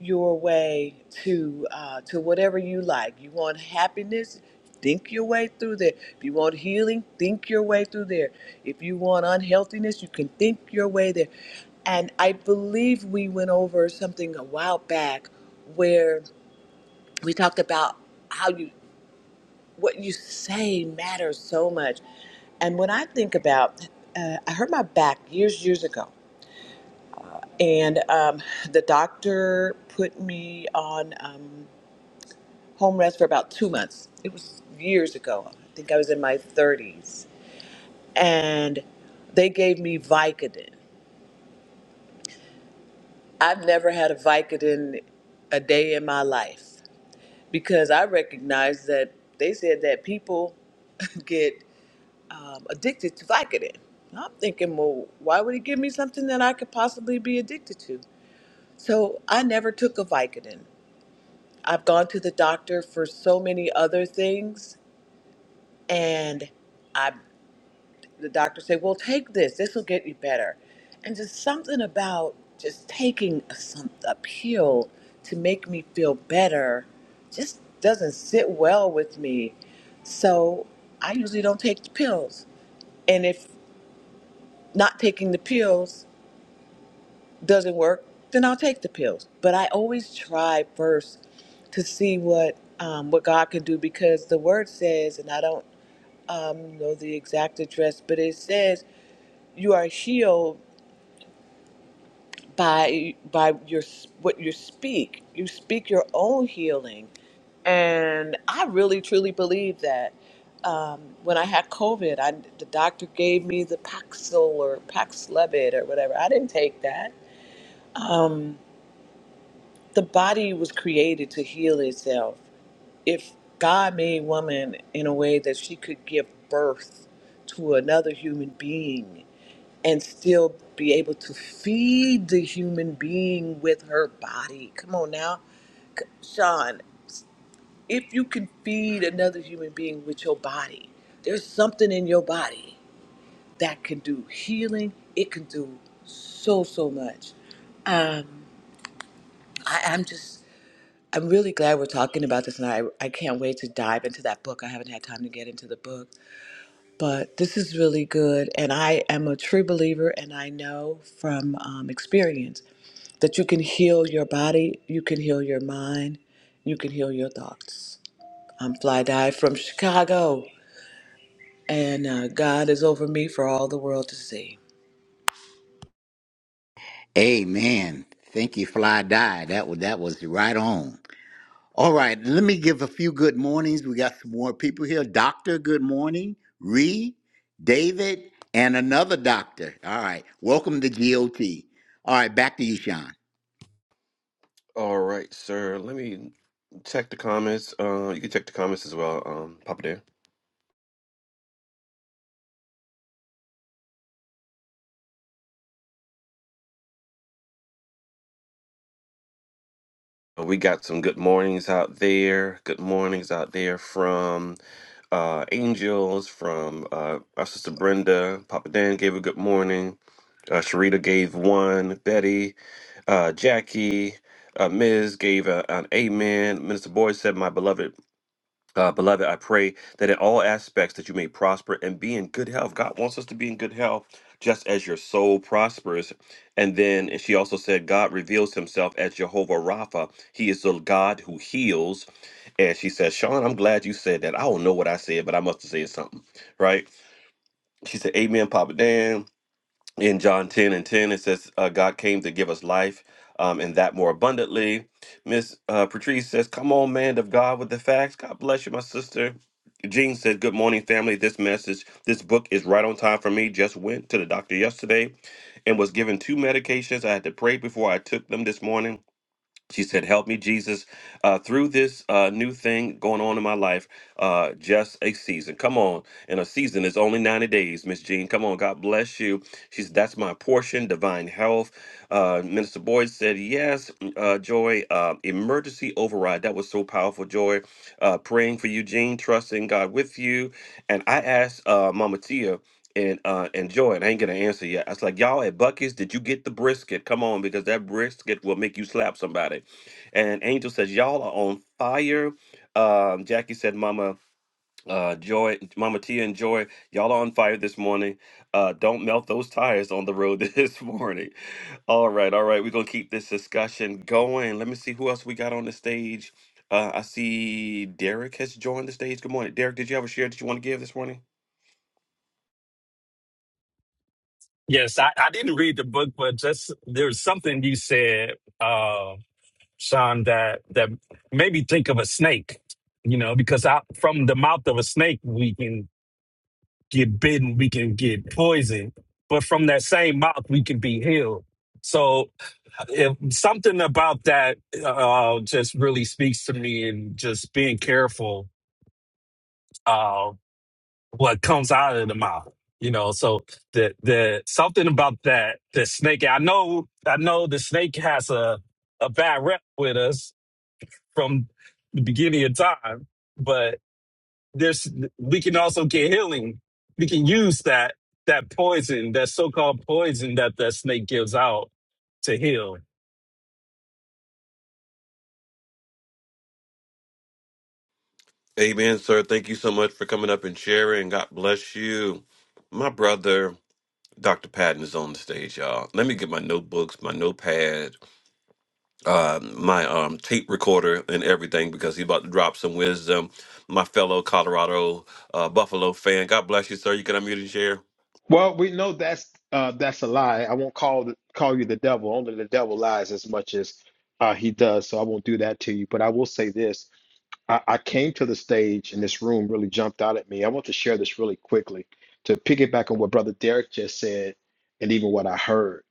S7: your way to uh, to whatever you like. You want happiness, think your way through there. If you want healing, think your way through there. If you want unhealthiness, you can think your way there. And I believe we went over something a while back where we talked about how you what you say matters so much. And when I think about, uh, I hurt my back years, years ago, and um, the doctor put me on um, home rest for about two months. It was years ago. I think I was in my 30s, and they gave me Vicodin. I've never had a Vicodin a day in my life because I recognize that they said that people [laughs] get. um, addicted to Vicodin. I'm thinking, well, why would he give me something that I could possibly be addicted to? So I never took a Vicodin. I've gone to the doctor for so many other things, and I, the doctor said, well, take this. This will get you better. And just something about just taking a, some, a pill to make me feel better just doesn't sit well with me. So I usually don't take the pills. And if not taking the pills doesn't work, then I'll take the pills. But I always try first to see what um, what God can do because the word says, and I don't um, know the exact address, but it says you are healed by by your what you speak. You speak your own healing, and I really truly believe that. Um, when I had COVID, I, the doctor gave me the Paxil or Paxlevid or whatever. I didn't take that um, the body was created to heal itself. If God made woman in a way that she could give birth to another human being and still be able to feed the human being with her body, come on now, C- Sean. If you can feed another human being with your body, there's something in your body that can do healing. It can do so so much. Um, I, I'm just I'm really glad we're talking about this, and I, I can't wait to dive into that book. I haven't had time to get into the book, but this is really good. And I am a true believer, and I know from um, experience that you can heal your body, you can heal your mind, you can heal your thoughts. I'm Fly Dive from Chicago, and uh, God is over me for all the world to see.
S2: Amen. Thank you, Fly Die. That was that was right on. All right, let me give a few good mornings. We got some more people here. Doctor, good morning. Ree, David, and another doctor. All right. Welcome to GOT. All right, back to you, Sean.
S1: All right, sir. Let me check the comments. Uh, you can check the comments as well, um, Papa Dan. We got some good mornings out there. Good mornings out there from uh, Angels, from uh, our sister Brenda. Papa Dan gave a good morning. Uh, Sharita gave one. Betty, uh, Jackie, uh, Ms. gave a, an amen. Minister Boyd said, "My beloved." Uh, beloved, I pray that in all aspects that you may prosper and be in good health. God wants us to be in good health, just as your soul prospers. And then and she also said, God reveals Himself as Jehovah Rapha. He is the God who heals. And she said, Sean, I'm glad you said that. I don't know what I said, but I must have said something, right? She said, Amen, Papa Dan in John 10 and 10, it says, uh, God came to give us life um, and that more abundantly. Miss uh, Patrice says, Come on, man of God, with the facts. God bless you, my sister. Jean says, Good morning, family. This message, this book is right on time for me. Just went to the doctor yesterday and was given two medications. I had to pray before I took them this morning. She said, Help me, Jesus, uh, through this uh, new thing going on in my life, uh, just a season. Come on. And a season is only 90 days, Miss Jean. Come on. God bless you. She said, That's my portion, divine health. Uh, Minister Boyd said, Yes, mm, uh, Joy, uh, emergency override. That was so powerful, Joy. Uh, praying for you, Jean, trusting God with you. And I asked uh, Mama Tia and uh enjoy it. I ain't gonna answer yet. I was like, y'all at Bucky's, did you get the brisket? Come on, because that brisket will make you slap somebody. And Angel says, y'all are on fire. Um, Jackie said, Mama. Uh, Joy, Mama Tia, and Joy, y'all are on fire this morning. Uh, don't melt those tires on the road [laughs] this morning. All right, all right, we're gonna keep this discussion going. Let me see who else we got on the stage. Uh, I see Derek has joined the stage. Good morning, Derek. Did you have a share that you want to give this morning?
S8: Yes, I, I didn't read the book, but just there's something you said, uh, Sean, that that made me think of a snake. You know, because I, from the mouth of a snake, we can get bitten, we can get poisoned, but from that same mouth, we can be healed. So, if something about that uh, just really speaks to me, and just being careful. uh, what comes out of the mouth. You know, so the the something about that the snake. I know, I know the snake has a a bad rep with us from the beginning of time, but there's we can also get healing. We can use that that poison, that so called poison that the snake gives out to heal.
S1: Amen, sir. Thank you so much for coming up and sharing. God bless you. My brother, Dr. Patton, is on the stage, y'all. Let me get my notebooks, my notepad, uh, my um, tape recorder, and everything because he's about to drop some wisdom. My fellow Colorado uh, Buffalo fan, God bless you, sir. You can unmute and share.
S9: Well, we know that's uh, that's a lie. I won't call call you the devil. Only the devil lies as much as uh, he does. So I won't do that to you. But I will say this: I, I came to the stage, and this room really jumped out at me. I want to share this really quickly to piggyback on what Brother Derek just said, and even what I heard.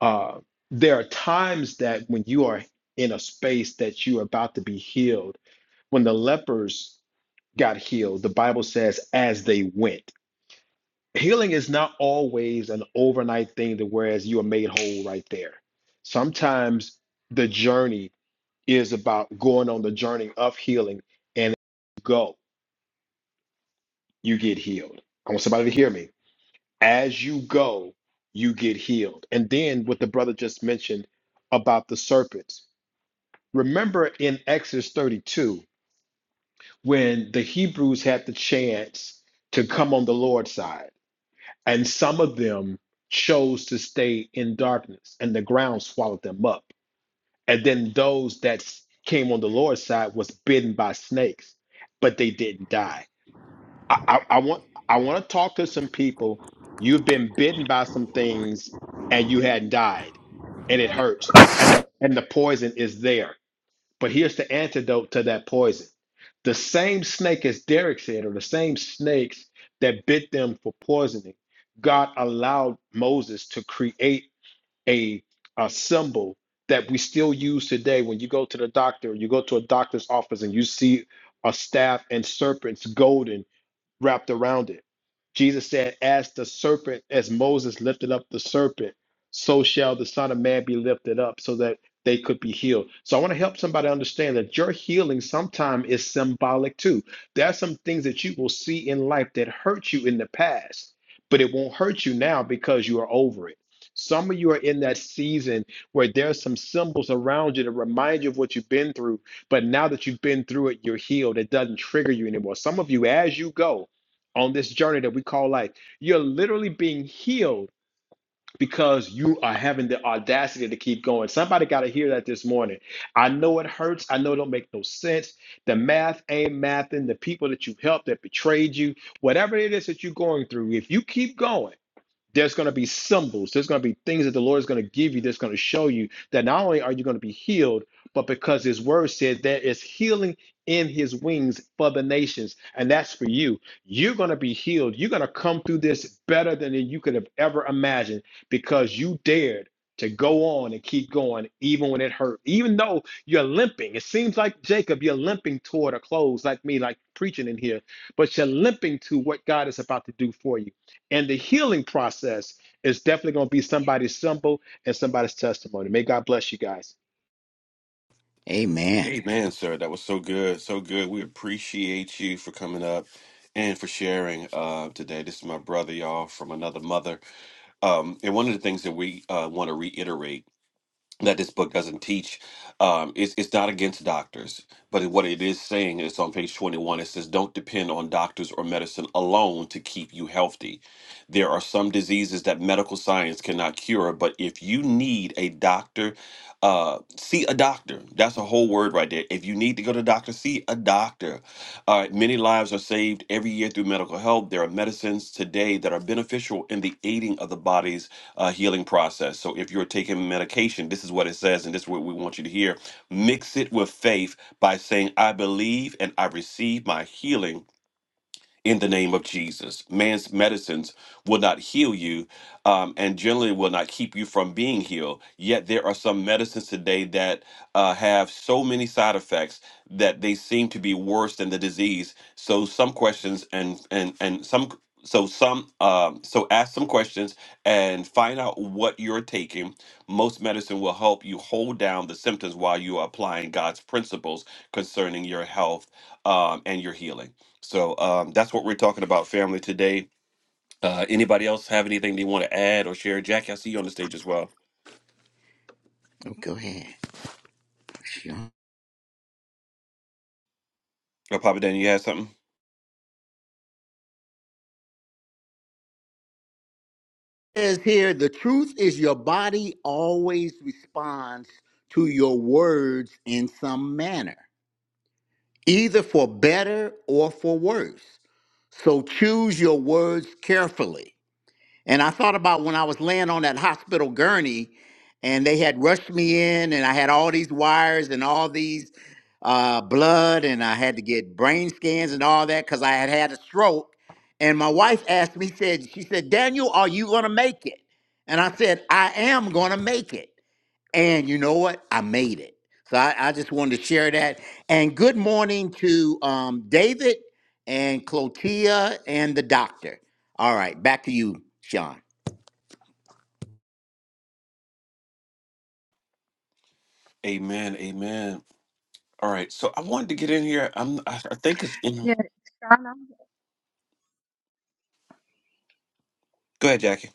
S9: Uh, there are times that when you are in a space that you are about to be healed, when the lepers got healed, the Bible says as they went healing is not always an overnight thing to whereas you are made whole right there. Sometimes the journey is about going on the journey of healing and as you go, you get healed. I want somebody to hear me. As you go, you get healed. And then what the brother just mentioned about the serpents. Remember in Exodus 32 when the Hebrews had the chance to come on the Lord's side And some of them chose to stay in darkness, and the ground swallowed them up. And then those that s- came on the Lord's side was bitten by snakes, but they didn't die. I, I, I want I want to talk to some people. You've been bitten by some things and you hadn't died, and it hurts, and the and the poison is there but here's the antidote to that poison. The same snake, as Derek said, or the same snakes that bit them for poisoning, God allowed Moses to create a, a symbol that we still use today. When you go to the doctor, you go to a doctor's office and you see a staff and serpents golden wrapped around it. Jesus said, As the serpent, as Moses lifted up the serpent, so shall the Son of Man be lifted up so that they could be healed. So I want to help somebody understand that your healing sometime is symbolic too. There are some things that you will see in life that hurt you in the past, but it won't hurt you now because you are over it. Some of you are in that season where there are some symbols around you to remind you of what you've been through, but now that you've been through it, you're healed. It doesn't trigger you anymore. Some of you, as you go, on this journey that we call life. You're literally being healed because you are having the audacity to keep going. Somebody got to hear that this morning. I know it hurts. I know it don't make no sense. The math ain't mathing. The people that you helped that betrayed you, whatever it is that you're going through, if you keep going, there's going to be symbols there's going to be things that the lord is going to give you that's going to show you that not only are you going to be healed but because his word said there is healing in his wings for the nations and that's for you you're going to be healed you're going to come through this better than you could have ever imagined because you dared to go on and keep going even when it hurt even though you're limping it seems like jacob you're limping toward a close like me like preaching in here but you're limping to what god is about to do for you and the healing process is definitely going to be somebody's symbol and somebody's testimony. May God bless you guys.
S2: Amen.
S1: Amen, sir. That was so good. So good. We appreciate you for coming up and for sharing uh, today. This is my brother, y'all, from another mother. Um, and one of the things that we uh, want to reiterate that this book doesn't teach. Um, it's, it's not against doctors, but what it is saying is on page 21, it says, Don't depend on doctors or medicine alone to keep you healthy. There are some diseases that medical science cannot cure, but if you need a doctor, uh, see a doctor. That's a whole word right there. If you need to go to a doctor, see a doctor. All right, many lives are saved every year through medical help. There are medicines today that are beneficial in the aiding of the body's uh, healing process. So if you're taking medication, this is what it says, and this is what we want you to hear. Mix it with faith by saying, I believe and I receive my healing in the name of Jesus. Man's medicines will not heal you um, and generally will not keep you from being healed. Yet there are some medicines today that uh, have so many side effects that they seem to be worse than the disease. So some questions and and and some so some um, so ask some questions and find out what you're taking. Most medicine will help you hold down the symptoms while you are applying God's principles concerning your health um, and your healing. So um, that's what we're talking about, family, today. Uh, anybody else have anything they want to add or share? Jackie, I see you on the stage as well.
S2: Oh, go ahead.
S1: Oh, Papa Dan, you had something?
S2: says here the truth is your body always responds to your words in some manner, either for better or for worse. So choose your words carefully. And I thought about when I was laying on that hospital gurney and they had rushed me in and I had all these wires and all these uh, blood and I had to get brain scans and all that because I had had a stroke. And my wife asked me, said, she said, Daniel, are you going to make it? And I said, I am going to make it. And you know what? I made it. So I, I just wanted to share that. And good morning to um, David and Clotia and the doctor. All right, back to you, Sean.
S1: Amen, amen. All right, so I wanted to get in here. I'm, I, I think it's, you know, go ahead, Jackie.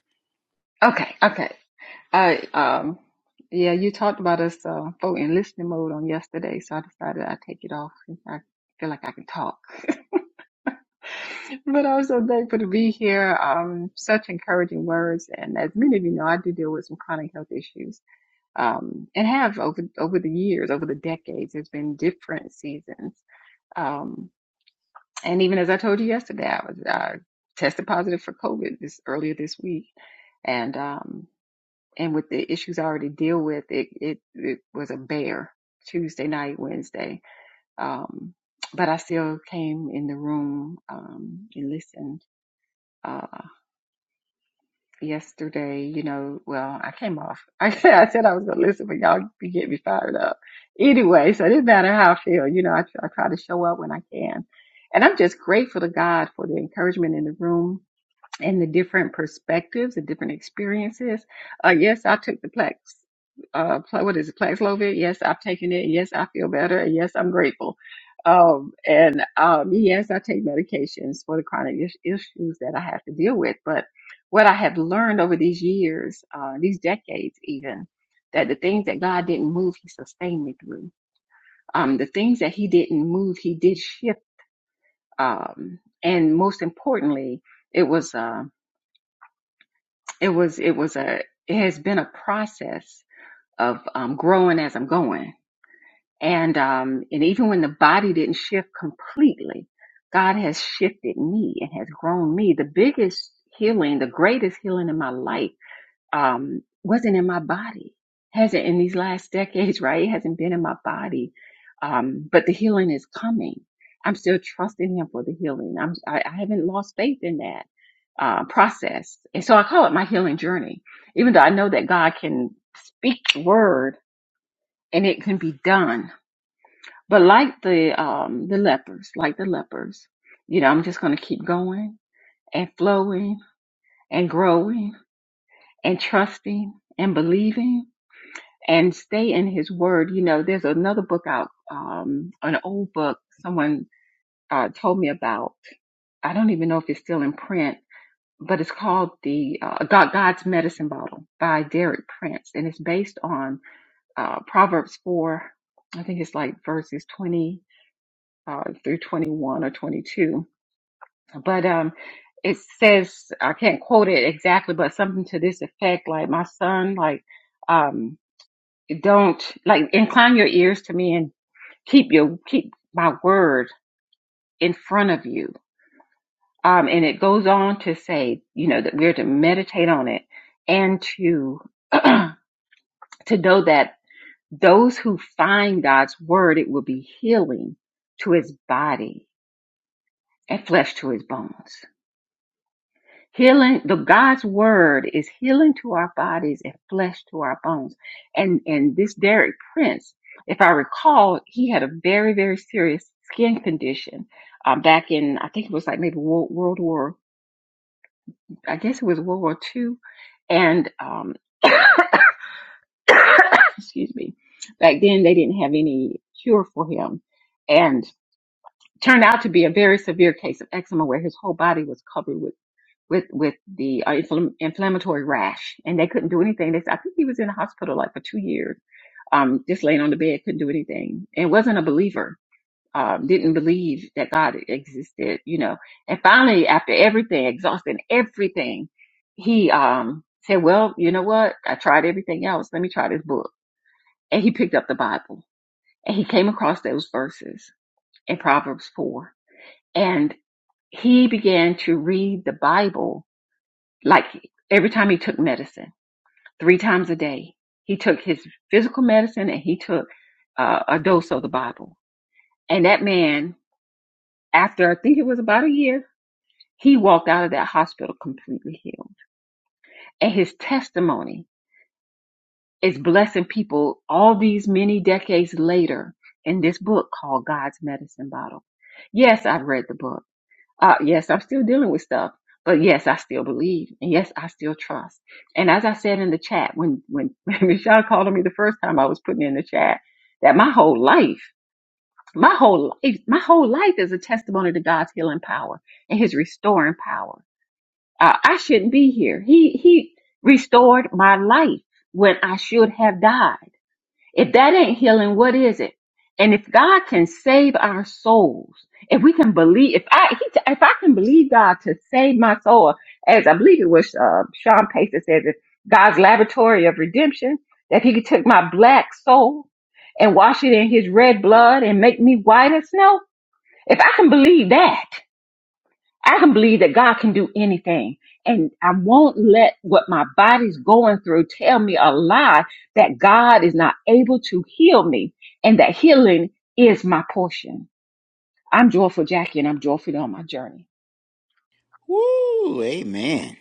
S2: Woo, amen.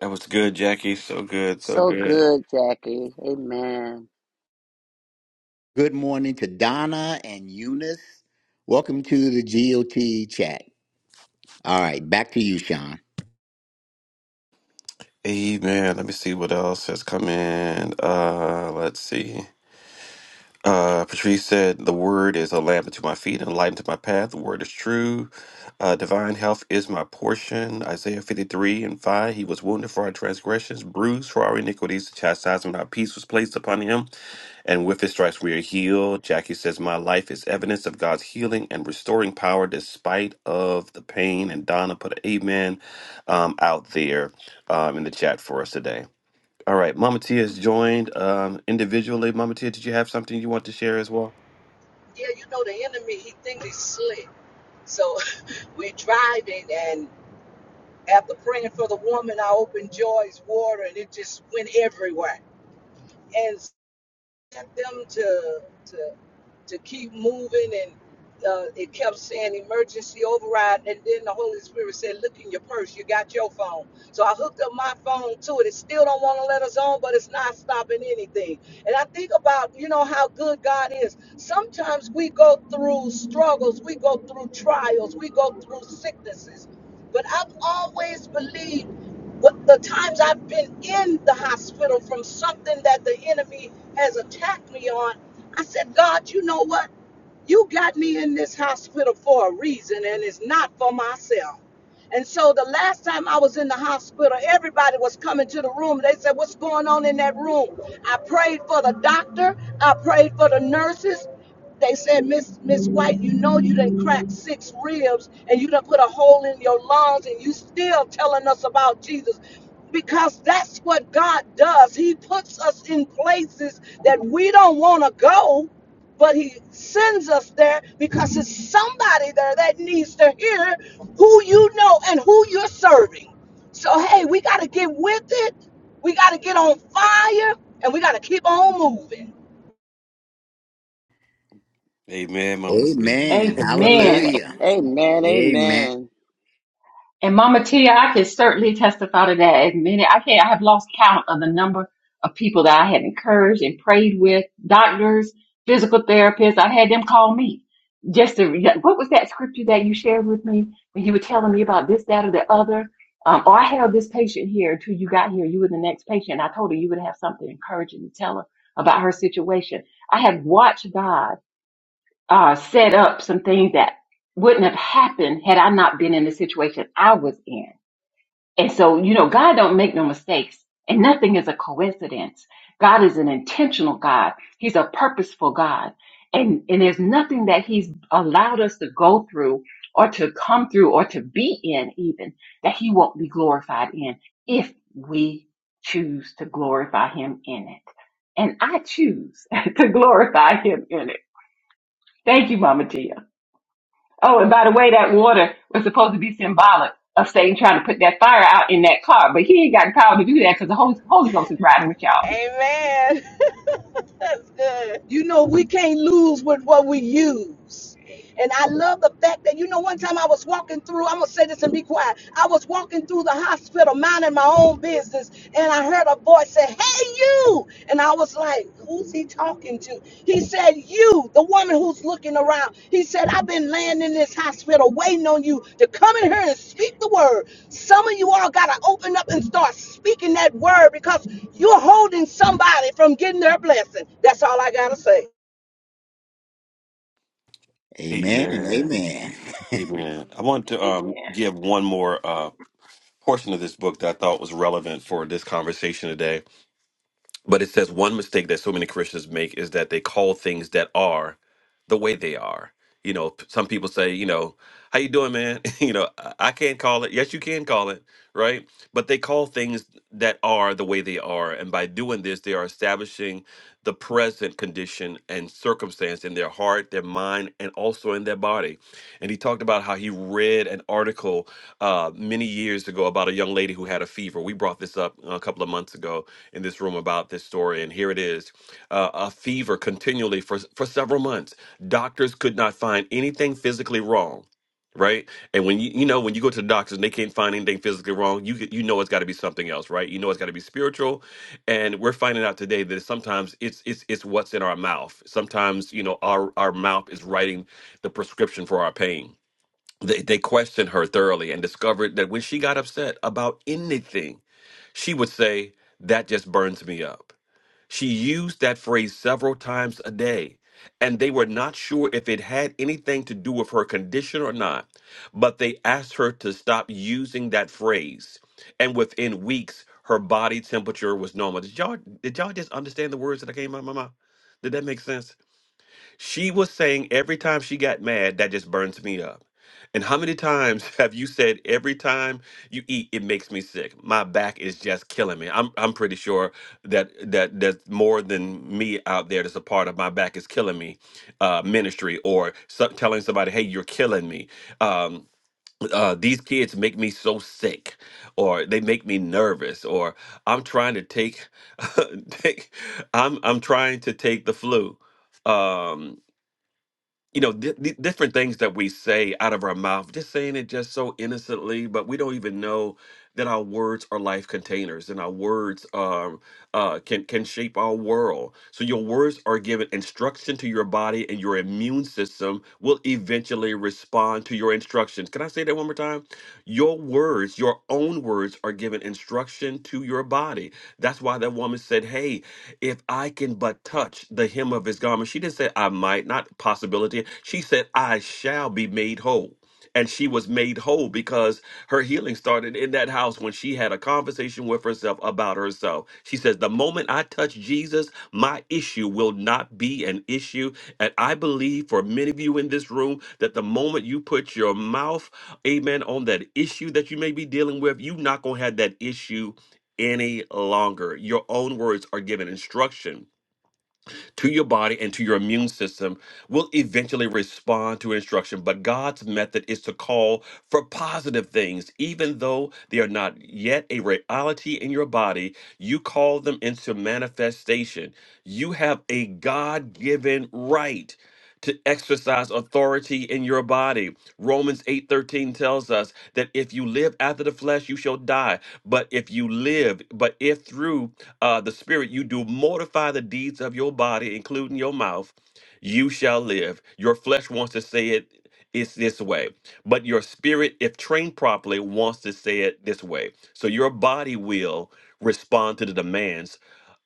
S1: That was good, Jackie. So good, so
S4: So
S1: good.
S4: good, Jackie. Amen.
S2: Good morning to Donna and Eunice. Welcome to the GOT chat. All right, back to you, Sean.
S1: Amen. Let me see what else has come in. Uh, let's see. Uh, Patrice said, The word is a lamp unto my feet and a light unto my path. The word is true. Uh, divine health is my portion. Isaiah 53 and 5. He was wounded for our transgressions, bruised for our iniquities. The chastisement of our peace was placed upon him. And with his stripes we are healed. Jackie says, My life is evidence of God's healing and restoring power despite of the pain. And Donna put an amen um, out there um, in the chat for us today. All right, Mama Tia has joined um, individually. Mama Tia, did you have something you want to share as well?
S10: Yeah, you know the enemy. He thinks he's slick. So [laughs] we are driving, and after praying for the woman, I opened Joy's water, and it just went everywhere. And sent them to to to keep moving, and uh, it kept saying emergency override. And then the Holy Spirit said, "Look in your purse. You got your phone." So I hooked up my phone to it. It still don't want to let us on, but it's not stopping anything. And I think about you know how good God is. Sometimes we go through struggles, we go through trials, we go through sicknesses. But I've always believed what the times I've been in the hospital from something that the enemy has attacked me on, I said, God, you know what? You got me in this hospital for a reason, and it's not for myself. And so the last time I was in the hospital, everybody was coming to the room. They said, What's going on in that room? I prayed for the doctor, I prayed for the nurses. They said, Miss Miss White, you know you done cracked six ribs and you done put a hole in your lungs and you still telling us about Jesus. Because that's what God does. He puts us in places that we don't want to go but he sends us there because it's somebody there that needs to hear who you know and who you're serving. So hey, we got to get with it. We got to get on fire and we got to keep on moving.
S1: Amen, Mama Tia.
S2: Amen.
S1: [laughs]
S2: Hallelujah.
S4: Amen.
S2: Amen.
S4: Amen.
S10: Amen. [laughs] That's good. You know, we can't lose with what we use. And I love the fact that, you know, one time I was walking through, I'm going to say this and be quiet. I was walking through the hospital, minding my own business, and I heard a voice say, Hey, you. And I was like, Who's he talking to? He said, You, the woman who's looking around, he said, I've been laying in this hospital waiting on you to come in here and speak the word. Some of you all got to open up and start speaking that word because you're holding somebody from getting their blessing. That's all I got to say.
S2: Amen and
S1: Amen.
S2: amen.
S1: Amen. I want to um, give one more uh, portion of this book that I thought was relevant for this conversation today. But it says one mistake that so many Christians make is that they call things that are the way they are. You know, p- some people say, you know, how you doing, man? [laughs] you know, I I can't call it. Yes, you can call it, right? But they call things that are the way they are, and by doing this, they are establishing the present condition and circumstance in their heart, their mind, and also in their body. And he talked about how he read an article uh, many years ago about a young lady who had a fever. We brought this up a couple of months ago in this room about this story, and here it is: uh, a fever continually for for several months. Doctors could not find anything physically wrong. Right, and when you you know when you go to the doctors and they can't find anything physically wrong, you get- you know it's got to be something else, right? You know it's got to be spiritual, and we're finding out today that sometimes it's it's it's what's in our mouth sometimes you know our our mouth is writing the prescription for our pain they, they questioned her thoroughly and discovered that when she got upset about anything she would say that just burns me up she used that phrase several times a day, and they were not sure if it had anything to do with her condition or not, but they asked her to stop using that phrase. And within weeks, her body temperature was normal. Did y'all, did y'all just understand the words that came out of my mouth? Did that make sense? She was saying every time she got mad, that just burns me up. And how many times [laughs] have you said every time you eat, it makes me sick? My back is just killing me. I'm I'm pretty sure that that that's more than me out there that's a part of my back is killing me uh, ministry or so, telling somebody, hey, you're killing me. Um, uh, these kids make me so sick, or they make me nervous, or I'm trying to take, [laughs] take I'm I'm trying to take the flu. Um, you know, di di- different things that we say out of our mouth, just saying it just so innocently, but we don't even know that our words are life containers and our words uh, can can shape our world. So your words are given instruction to your body, and your immune system will eventually respond to your instructions. Can I say that one more time? Your words, your own words, are given instruction to your body. That's why that woman said, "Hey, if I can but touch the hem of his garment," she didn't say, "I might," not possibility. She said, "I shall be made whole." and she was made whole because her healing started in that house when she had a conversation with herself about herself. She says, The moment I touch Jesus, my issue will not be an issue. And I believe for many of you in this room that the moment you put your mouth, amen, on that issue that you may be dealing with, you're not going to have that issue any longer. Your own words are given instruction to your body and to your immune system will eventually respond to instruction. But God's method is to call for positive things, even though they are not yet a reality in your body. You call them into manifestation. You have a God given right to exercise authority in your body. Romans 8:13 tells us that if you live after the flesh, you shall die. But if you live, but if through uh, the Spirit you do mortify the deeds of your body, including your mouth, you shall live. Your flesh wants to say it. It's this way, but your spirit, if trained properly, wants to say it this way. So your body will respond to the demands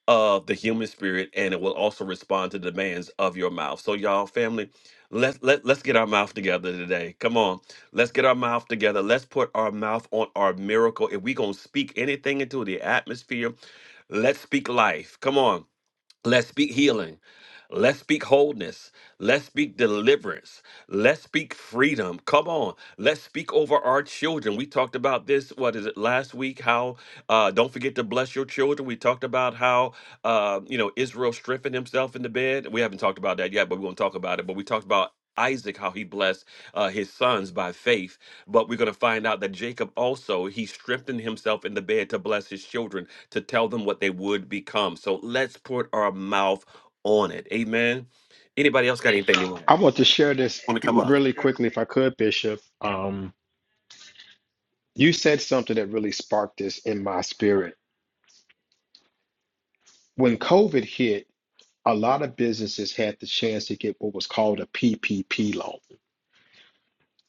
S1: of the human spirit and it will also respond to the demands of your mouth. So y'all family, let let let's get our mouth together today. Come on. Let's get our mouth together. Let's put our mouth on our miracle. If we going to speak anything into the atmosphere, let's speak life. Come on. Let's speak healing. Let's speak wholeness. Let's speak deliverance. Let's speak freedom. Come on. Let's speak over our children. We talked about this, what is it, last week? How uh, don't forget to bless your children. We talked about how, uh, you know, Israel strengthened himself in the bed. We haven't talked about that yet, but we're going to talk about it. But we talked about Isaac, how he blessed uh, his sons by faith. But we're going to find out that Jacob also, he strengthened himself in the bed to bless his children to tell them what they would become. So let's put our mouth on it. Amen. Anybody else got anything they want to add?
S9: I want to share this really quickly, if I could, Bishop. Um, you said something that really sparked this in my spirit. When COVID hit, a lot of businesses had the chance to get what was called a PPP loan.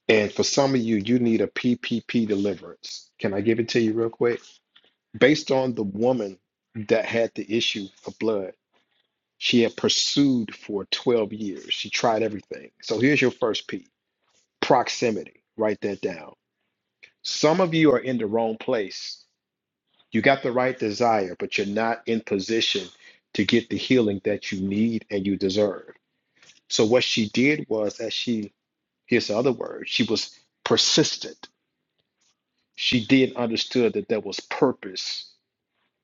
S9: And for some of you, you need a PPP deliverance. Can I give it to you real quick? Based on the woman that had the issue of blood, She had pursued for 12 years. She tried everything. So here's your first P proximity. Write that down. Some of you are in the wrong place. You got the right desire, but you're not in position to get the healing that you need and you deserve. So what she did was, as she, here's the other word, she was persistent. She did understood that there was purpose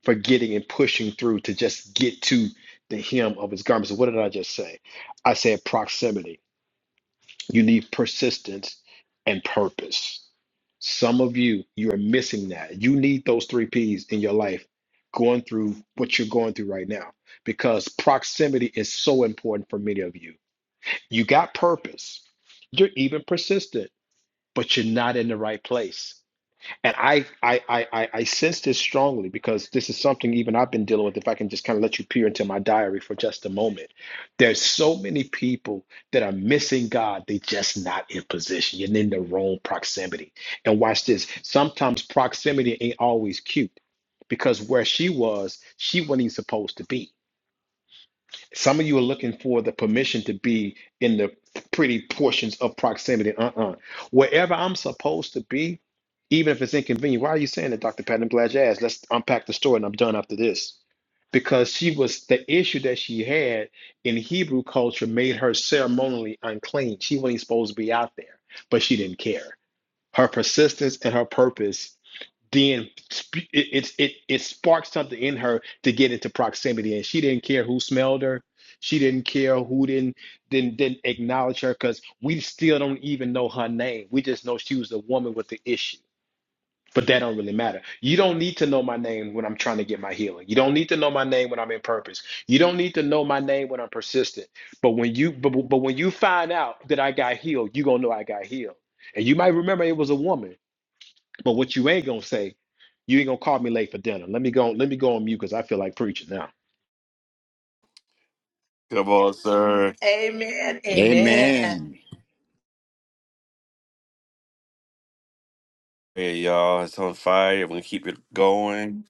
S9: for getting and pushing through to just get to the hem of his garment. So what did I just say? I said proximity You need persistence and purpose. Some of you, you are missing that. You need those three P's in your life going through what you're going through right now because proximity is so important for many of you. You got purpose, you're even persistent, but you're not in the right place. And I, I, I, I, I sense this strongly because this is something even I've been dealing with. If I can just kind of let you peer into my diary for just a moment, there's so many people that are missing God. They just not in position and in the wrong proximity. And watch this. Sometimes proximity ain't always cute because where she was, she wasn't even supposed to be. Some of you are looking for the permission to be in the pretty portions of proximity. Uh-uh. Wherever I'm supposed to be, even if it's inconvenient. Why are you saying that, Dr. Patton I'm glad you asked. Let's unpack the story and I'm done after this. Because she was the issue that she had in Hebrew culture made her ceremonially unclean. She wasn't supposed to be out there, but she didn't care. Her persistence and her purpose then sp- it, it it it sparked something in her to get into proximity and she didn't care who smelled her she didn't care who didn't didn't, didn't acknowledge her because we still don't even know her name we just know she was a woman with the issue but that don't really matter you don't need to know my name when i'm trying to get my healing you don't need to know my name when i'm in purpose you don't need to know my name when i'm persistent but when you but, but when you find out that i got healed you're gonna know i got healed and you might remember it was a woman but what you ain't gonna say, you ain't gonna call me late for dinner. Let me go. Let me go on mute because I feel like preaching now.
S1: Come on, sir.
S7: Amen. Amen.
S2: Amen.
S1: Hey, y'all. It's on fire. We're going to keep it going.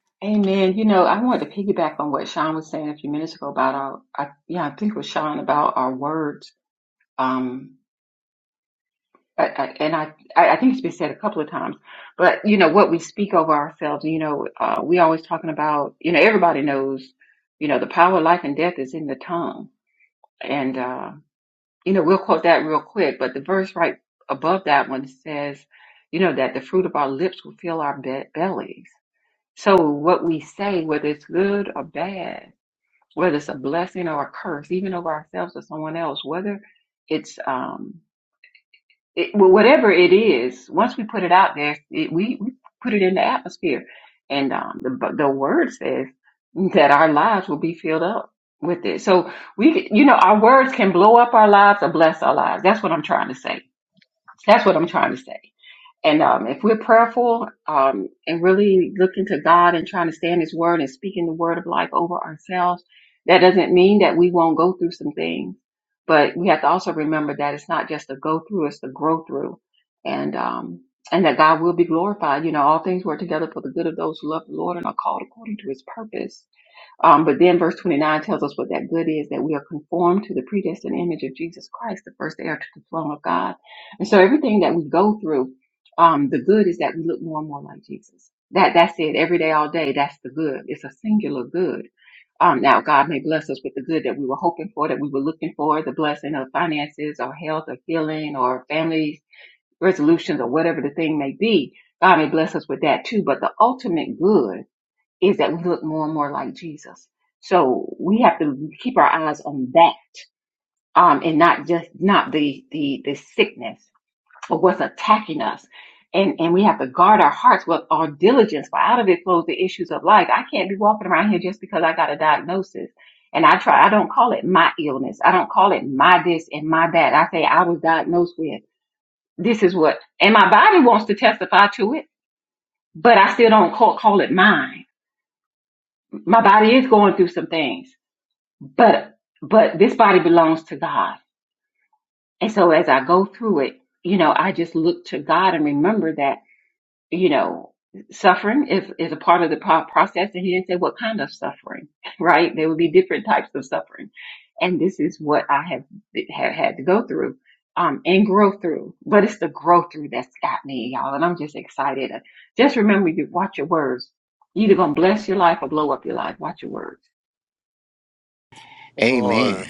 S1: Come
S2: Amen.
S1: on.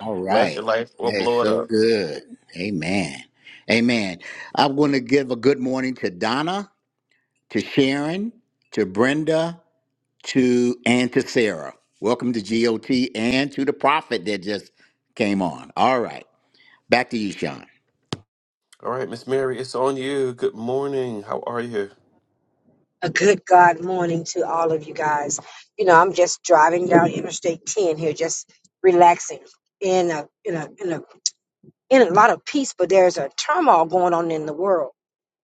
S2: All
S1: Bless
S2: right.
S1: your life or
S2: That's
S1: blow it
S2: so
S1: up.
S2: good. Amen. Amen. I'm going to give a good morning to Donna, to Sharon, to Brenda, to and to Sarah. Welcome to GOT and to the prophet that just came on. All right. Back to you, Sean.
S1: All right, Miss Mary, it's on you. Good morning. How are you?
S11: A good God morning to all of you guys. You know, I'm just driving down Interstate 10 here, just relaxing in a in a in a in a lot of peace, but there's a turmoil going on in the world.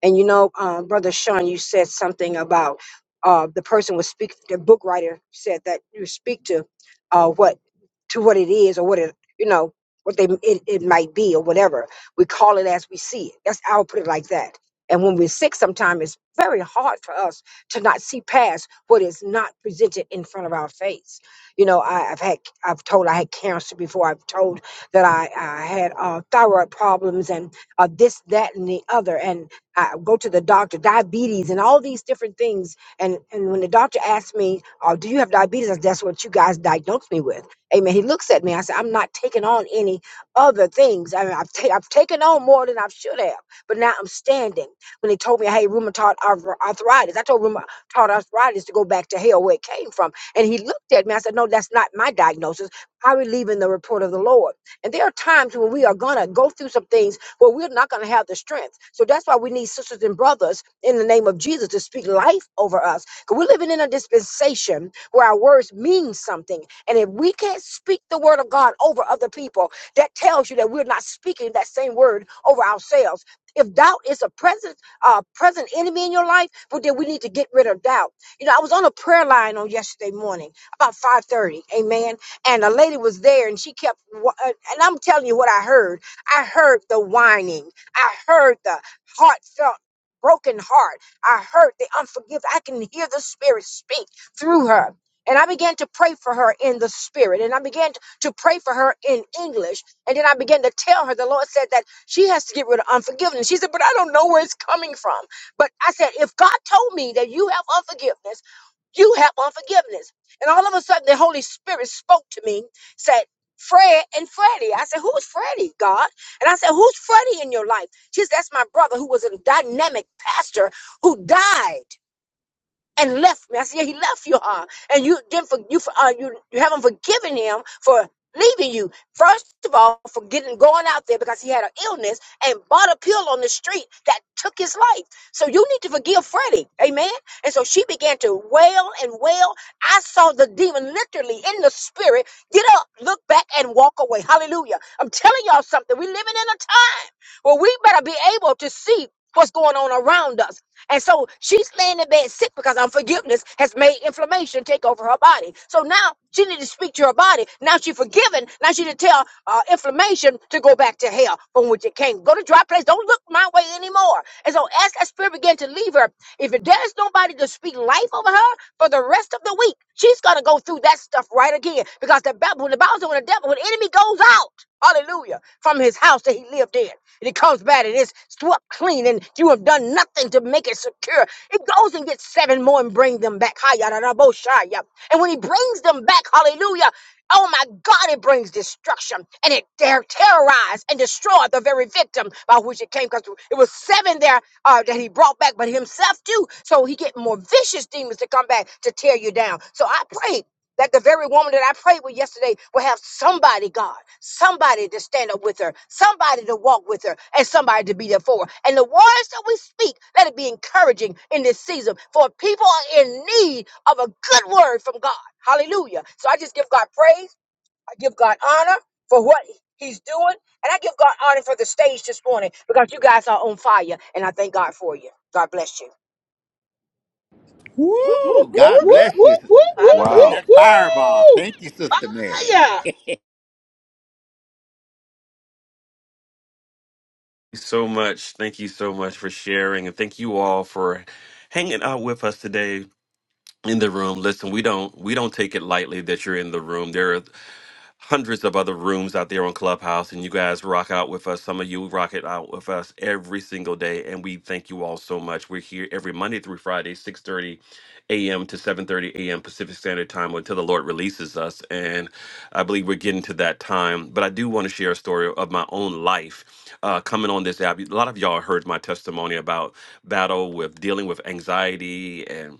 S11: And you know, um, Brother Sean, you said something about uh, the person would speak. The book writer said that you speak to uh, what to what it is or what it you know what they it, it might be or whatever. We call it as we see it. That's I'll put it like that. And when we're sick, sometimes it's very hard for us to not see past what is not presented in front of our face. You know, I, I've had I've told I had cancer before. I've told that I, I had uh, thyroid problems and uh, this, that, and the other. And I go to the doctor, diabetes, and all these different things. And and when the doctor asks me, "Oh, do you have diabetes?" I said, That's what you guys diagnosed me with. Amen. He looks at me. I said, "I'm not taking on any other things. I mean, I've, ta- I've taken on more than I should have, but now I'm standing." When they told me, "Hey, rheumatoid arth- arthritis," I told rheumatoid arthritis to go back to hell where it came from. And he looked at me. I said, "No, that's not my diagnosis. I believe in the report of the Lord." And there are times when we are gonna go through some things well, we're not going to have the strength. So that's why we need sisters and brothers in the name of Jesus to speak life over us. Because we're living in a dispensation where our words mean something. And if we can't speak the word of God over other people, that tells you that we're not speaking that same word over ourselves. If doubt is a present, uh, present enemy in your life, but then we need to get rid of doubt. You know, I was on a prayer line on yesterday morning about 5:30, amen. And a lady was there, and she kept, wa- uh, and I'm telling you what I heard. I heard the whining. I heard the heartfelt broken heart. I heard the unforgiveness. I can hear the spirit speak through her. And I began to pray for her in the spirit. And I began to, to pray for her in English. And then I began to tell her the Lord said that she has to get rid of unforgiveness. She said, But I don't know where it's coming from. But I said, If God told me that you have unforgiveness, you have unforgiveness. And all of a sudden, the Holy Spirit spoke to me, said, Fred and Freddie. I said, Who's Freddie, God? And I said, Who's Freddie in your life? She said, That's my brother who was a dynamic pastor who died and left me. I said, yeah, he left you, huh? And you didn't for you for uh, you you haven't forgiven him for leaving you. First of all, for getting going out there because he had an illness and bought a pill on the street that took his life. So you need to forgive Freddie, amen. And so she began to wail and wail. I saw the demon literally in the spirit get up, look back, and walk away. Hallelujah! I'm telling y'all something. We're living in a time where we better be able to see. What's going on around us? And so she's laying in bed sick because unforgiveness has made inflammation take over her body. So now she need to speak to her body. Now she's forgiven. Now she need to tell uh, inflammation to go back to hell from which it came. Go to dry place. Don't look my way anymore. And so as that spirit began to leave her, if there's nobody to speak life over her, for the rest of the week. She's gonna go through that stuff right again because the Bible, when the Bible says when the devil, when the enemy goes out, hallelujah, from his house that he lived in, and it comes back and it's swept clean, and you have done nothing to make it secure. It goes and gets seven more and bring them back. Hi, yada, da, bo, shi. And when he brings them back, hallelujah, oh my God, it brings destruction and it dare terrorize and destroy the very victim by which it came. Because it was seven there uh, that he brought back, but himself too. So he get more vicious demons to come back to tear you down. So I pray that the very woman that I prayed with yesterday will have somebody, God, somebody to stand up with her, somebody to walk with her, and somebody to be there for her. And the words that we speak, let it be encouraging in this season, for people are in need of a good word from God. Hallelujah. So I just give God praise, I give God honor for what He's doing, and I give God honor for the stage this morning because you guys are on fire, and I thank God for you. God bless you.
S10: Whoop, whoop,
S2: Woo! God
S10: whoop. whoop, whoop,
S2: bless you.
S10: whoop, whoop, Hallelujah.
S2: That
S10: whoop.
S2: fireball. Thank you, Sister Mary.
S10: Yeah.
S1: So much. Thank you so much for sharing, and thank you all for hanging out with us today in the room. Listen, we don't we don't take it lightly that you're in the room. There are hundreds of other rooms out there on Clubhouse, and you guys rock out with us. Some of you rock it out with us every single day, and we thank you all so much. We're here every Monday through Friday, 6.30 a.m. to 7.30 a.m. Pacific Standard Time until the Lord releases us, and I believe we're getting to that time. But I do want to share a story of my own life uh, coming on this app. A lot of y'all heard my testimony about battle with dealing with anxiety and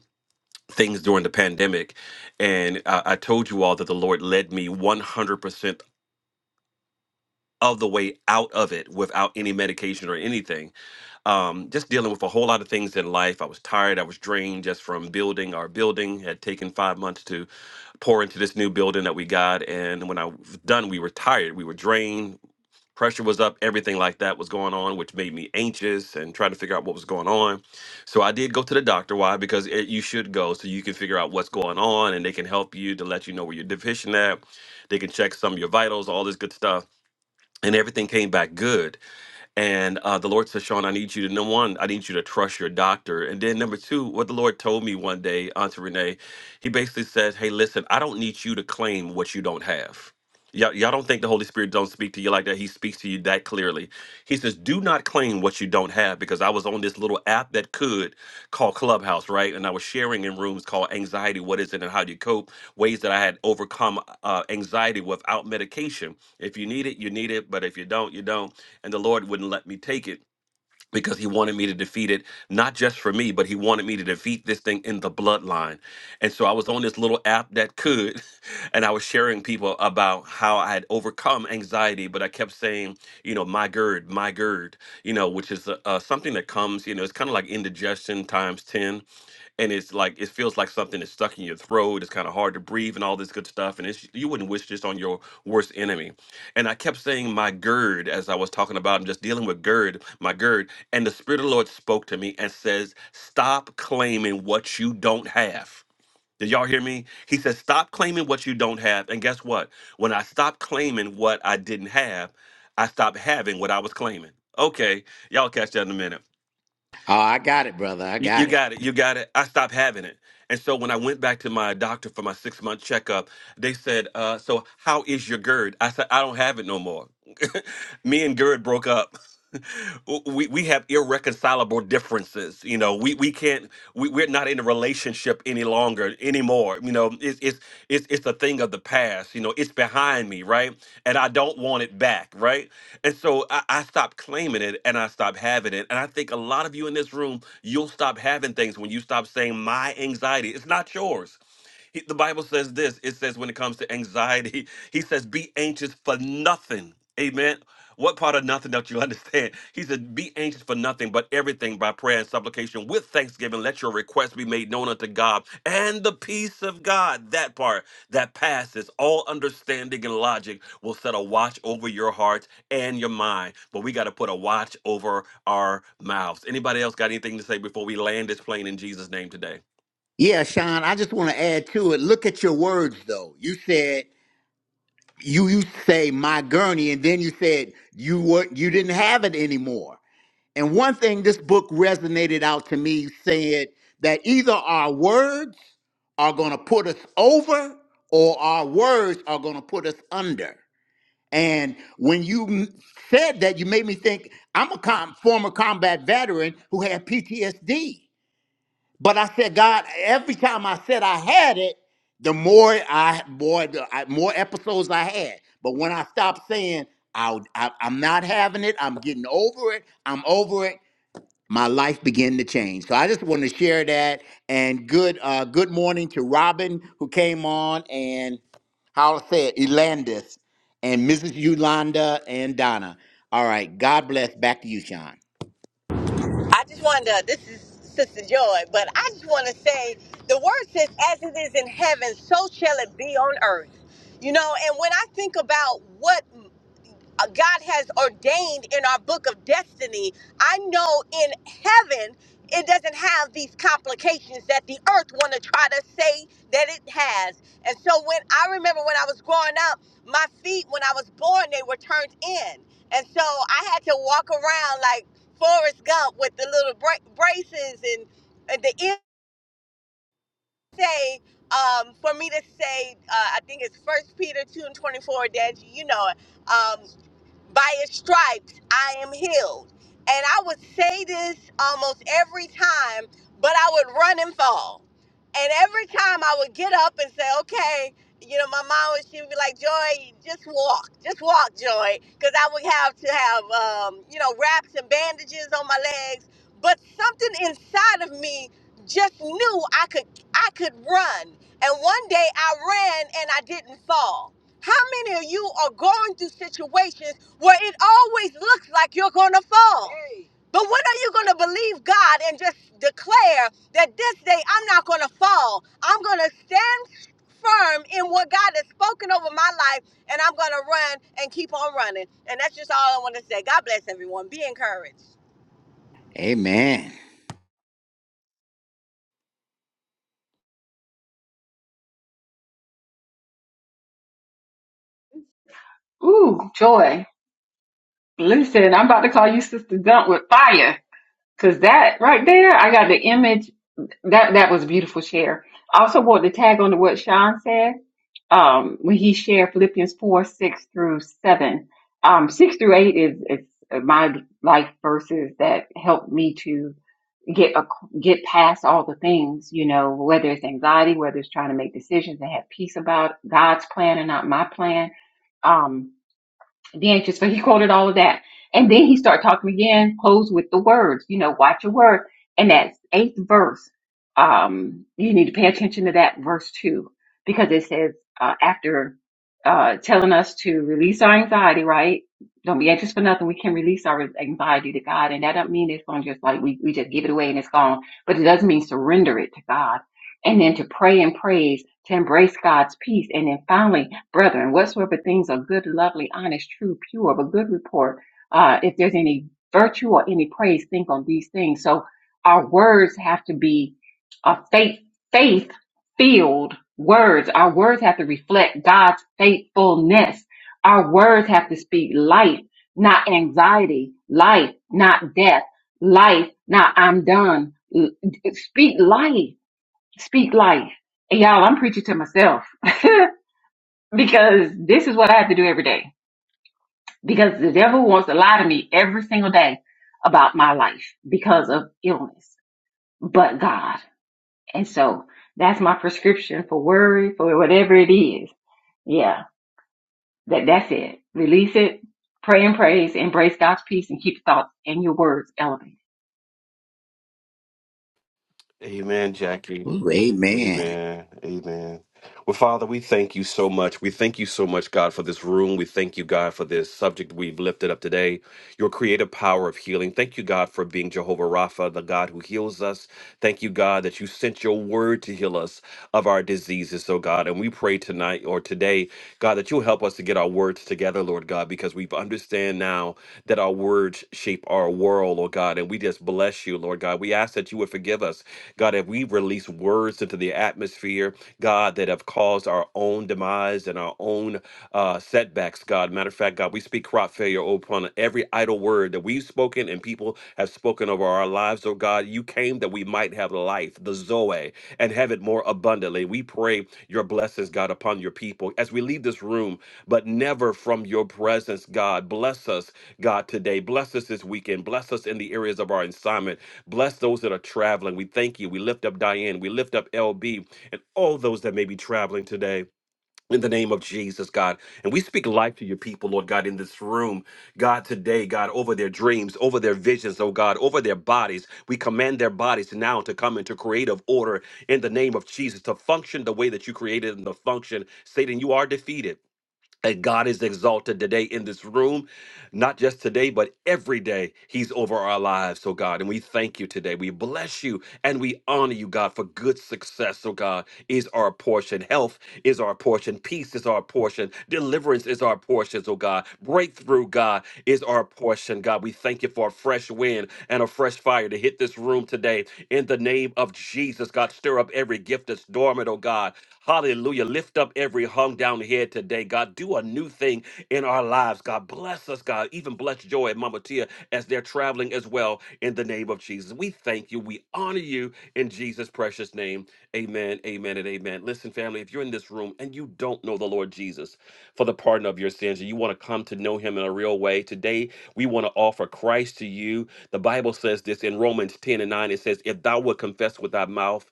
S1: things during the pandemic. And I, I told you all that the Lord led me 100% of the way out of it without any medication or anything um, just dealing with a whole lot of things in life. I was tired. I was drained just from building our building. Had taken five months to pour into this new building that we got, and when I was done, we were tired. We were drained. Pressure was up. Everything like that was going on, which made me anxious and trying to figure out what was going on. So I did go to the doctor. Why? Because it, you should go so you can figure out what's going on, and they can help you to let you know where you're deficient at. They can check some of your vitals, all this good stuff, and everything came back good and uh, the Lord said, Sean, I need you to, number one, I need you to trust your doctor. And then number two, what the Lord told me one day, Auntie Renee, he basically says, hey, listen, I don't need you to claim what you don't have. Y'all, y'all don't think the Holy Spirit don't speak to you like that. He speaks to you that clearly. He says, do not claim what you don't have because I was on this little app that could called Clubhouse, right? And I was sharing in rooms called anxiety, what is it and how do you cope? Ways that I had overcome uh, anxiety without medication. If you need it, you need it. But if you don't, you don't and the Lord wouldn't let me take it because he wanted me to defeat it not just for me but he wanted me to defeat this thing in the bloodline and so i was on this little app that could [laughs] and i was sharing people about how i had overcome anxiety but i kept saying you know my gerd, my gerd, you know which is uh, uh, something that comes you know it's kind of like indigestion times 10 and it's like it feels like something is stuck in your throat. It's kind of hard to breathe and all this good stuff. And it's you wouldn't wish this on your worst enemy. And I kept saying my gird as I was talking about and just dealing with gird, my gird. And the Spirit of the Lord spoke to me and says, Stop claiming what you don't have. Did y'all hear me? He says, Stop claiming what you don't have. And guess what? When I stopped claiming what I didn't have, I stopped having what I was claiming. Okay, y'all catch that in a minute.
S2: Oh, I got it, brother. I
S1: You, you
S2: got it.
S1: got it. You got it. I stopped having it. And so when I went back to my doctor for my six month checkup, they said, uh, So how is your GERD? I said, I don't have it no more. [laughs] Me and GERD broke up. [laughs] we we have irreconcilable differences. You know, we we can't we, we're not in a relationship any longer anymore. You know, it's it's it's it's a thing of the past. You know, it's behind me, right? And I don't want it back, right? And so I, I stopped claiming it and I stopped having it. And I think a lot of you in this room, you'll stop having things when you stop saying my anxiety. It's not yours. He, the Bible says this it says, when it comes to anxiety, [laughs] he says, be anxious for nothing. Amen. What part of nothing don't you [laughs] understand? He said, Be anxious for nothing, but everything by prayer and supplication with thanksgiving. Let your requests be made known unto God. And the peace of God, that part that passes all understanding and logic, will set a watch over your hearts and your mind. But we got to put a watch over our mouths. Anybody else got anything to say before we land this plane in Jesus' name today?
S2: Yeah, Sean, I just want to add to it. Look at your words though. You said you you say my gurney, and then you said you weren't you didn't have it anymore. And one thing this book resonated out to me said that either our words are going to put us over or our words are going to put us under. And when you m- said that, you made me think I'm a com- former combat veteran who had PTSD. But I said, God, every time I said I had it, the more I more the I, more episodes I had. But when I stopped saying I, I I'm not having it, I'm getting over it, I'm over it my life began to change. So I just want to share that. And good uh, good morning to Robin who came on and how to say it, Elandis and Mrs. Yolanda and Donna. All right. God bless. Back to you, Sean.
S10: I just wanted to, this is Sister Joy, but I just want to say the word says, as it is in heaven, so shall it be on earth. You know, and when I think about what uh, God has ordained in our book of destiny. I know in heaven it doesn't have these complications that the earth want to try to say that it has. And so when I remember when I was growing up, my feet when I was born they were turned in. And so I had to walk around like Forrest Gump with the little bra- braces and, and the ear say um, for me to say uh, I think it's First Peter 2 and 24 that you know it Um, by his stripes I am healed. And I would say this almost every time, but I would run and fall. And every time I would get up and say, okay, you know, my mom would, she would be like, Joy, just walk, just walk, Joy. Because I would have to have, um, you know, wraps and bandages on my legs. But something inside of me just knew I could, I could run. And one day I ran and I didn't fall. How many of you are going through situations where it always looks like you're going to fall? Hey. But when are you going to believe God and just declare that this day I'm not going to fall? I'm going to stand firm in what God has spoken over my life and I'm going to run and keep on running. And that's just all I want to say. God bless everyone. Be encouraged.
S2: Amen.
S1: Amen, Jackie.
S2: Ooh, amen.
S1: Amen. Amen. Well, Father, we thank you so much. We thank you so much, God, for this room. We thank you, God, for this subject we've lifted up today your creative power of healing. Thank you, God, for being Jehovah Rapha, the God who heals us. Thank you, God, that you sent your word to heal us of our diseases, oh God. And we pray tonight or today, God, that you'll help us to get our words together, Lord God, because we understand now that our words shape our world, oh God. And we just bless you, Lord God. We ask that you would forgive us, God, if we release words into the atmosphere, God, that have caused our own demise and our own uh, setbacks acts, God. Matter of fact, God, we speak crop failure upon every idle word that we've spoken and people have spoken over our lives, oh God. You came that we might have life, the Zoe, and have it more abundantly. We pray your blessings, God, upon your people as we leave this room, but never from your presence, God. Bless us, God, today. Bless us this weekend. Bless us in the areas of our assignment. Bless those that are traveling. We thank you. We lift up Diane. We lift up LB and all those that may be traveling today in the name of Jesus, God. And we speak life to your people, Lord God, in this room. God, today, God, over their dreams, over their visions, oh God, over their bodies. We command their bodies now to come into creative order in the name of Jesus, to function the way that you created them to function. Satan, you are defeated. And God is exalted today in this room, not just today, but every day. He's over our lives, oh God. And we thank you today. We bless you and we honor you, God, for good success, oh God, is our portion. Health is our portion. Peace is our portion. Deliverance is our portion, oh God. Breakthrough, God, is our portion, God. We thank you for a fresh wind and a fresh fire to hit this room today in the name of Jesus, God. Stir up every gift that's dormant, oh God. Hallelujah. Lift up every hung down head today, God. Do a new thing in our lives, God. Bless us, God. Even bless Joy and Mama Tia as they're traveling as well in the name of Jesus. We thank you. We honor you in Jesus' precious name. Amen, amen, and amen. Listen, family, if you're in this room and you don't know the Lord Jesus for the pardon of your sins and you want to come to know him in a real way, today we want to offer Christ to you. The Bible says this in Romans 10 and 9. It says, If thou wilt confess with thy mouth,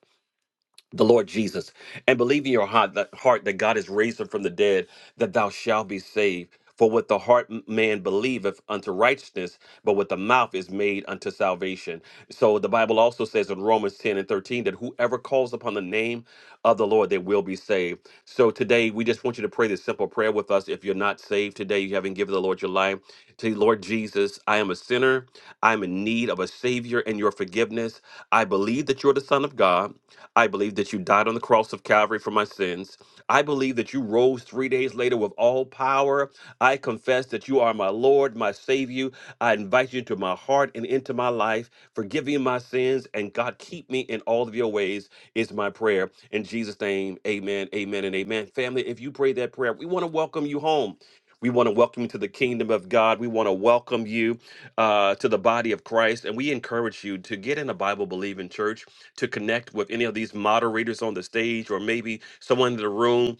S1: the Lord Jesus and believe in your heart that, heart that God is raised him from the dead, that thou shalt be saved. For with the heart m- man believeth unto righteousness, but with the mouth is made unto salvation. So the Bible also says in Romans 10 and 13 that whoever calls upon the name of the Lord, they will be saved. So today, we just want you to pray this simple prayer with us. If you're not saved today, you haven't given the Lord your life. Say, Lord Jesus, I am a sinner. I'm in need of a Savior and your forgiveness. I believe that you're the Son of God. I believe that you died on the cross of Calvary for my sins. I believe that you rose three days later with all power. I confess that you are my Lord, my Savior. I invite you into my heart and into my life. Forgive me my sins, and God, keep me in all of your ways, is my prayer. In Jesus' name, amen, amen, and amen. Family, if you pray that prayer, we want to welcome you home. We want to welcome you to the kingdom of God. We want to welcome you uh, to the body of Christ. And we encourage you to get in a Bible believing church to connect with any of these moderators on the stage or maybe someone in the room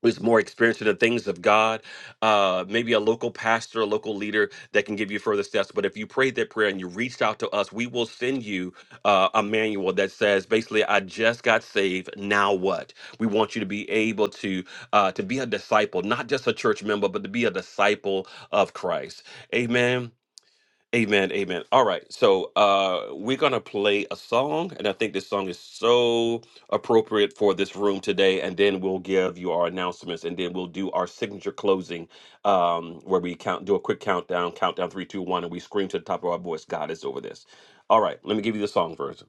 S1: who's more experienced in the things of God, uh, maybe a local pastor, a local leader that can give you further steps. But if you prayed that prayer and you reached out to us, we will send you uh, a manual that says basically, I just got saved. Now what? We want you to be able to uh, to be a disciple, not just a church member, but to be a disciple of Christ. Amen. Amen, amen. All right, so uh, we're gonna play a song, and I think this song is so appropriate for this room today. And then we'll give you our announcements, and then we'll do our signature closing, um, where we count, do a quick countdown, countdown three, two, one, and we scream to the top of our voice, "God is over this." All right, let me give you the song version.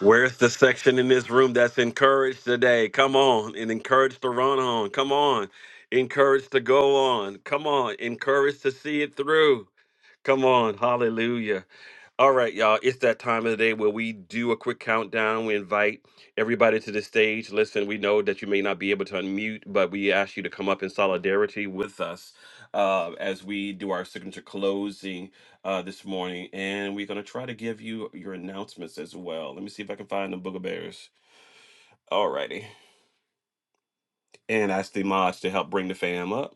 S1: Where's the section in this room that's encouraged today? Come on, and encouraged to run on. Come on, encouraged to go on. Come on, encouraged to see it through. Come on, hallelujah. All right, y'all, it's that time of the day where we do a quick countdown. We invite everybody to the stage. Listen, we know that you may not be able to unmute, but we ask you to come up in solidarity with us uh, as we do our signature closing uh, this morning. And we're going to try to give you your announcements as well. Let me see if I can find the Booger Bears. All righty. And ask the mods to help bring the fam up.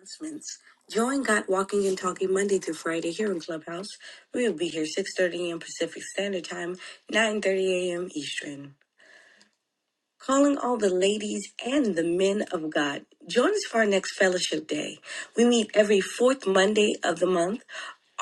S1: announcements. Join Got Walking and Talking Monday through Friday here in Clubhouse. We'll be here 6.30 a.m. Pacific Standard Time, 9.30 a.m. Eastern calling all the ladies and the men of God. Join us for our next fellowship day. We meet every fourth Monday of the month.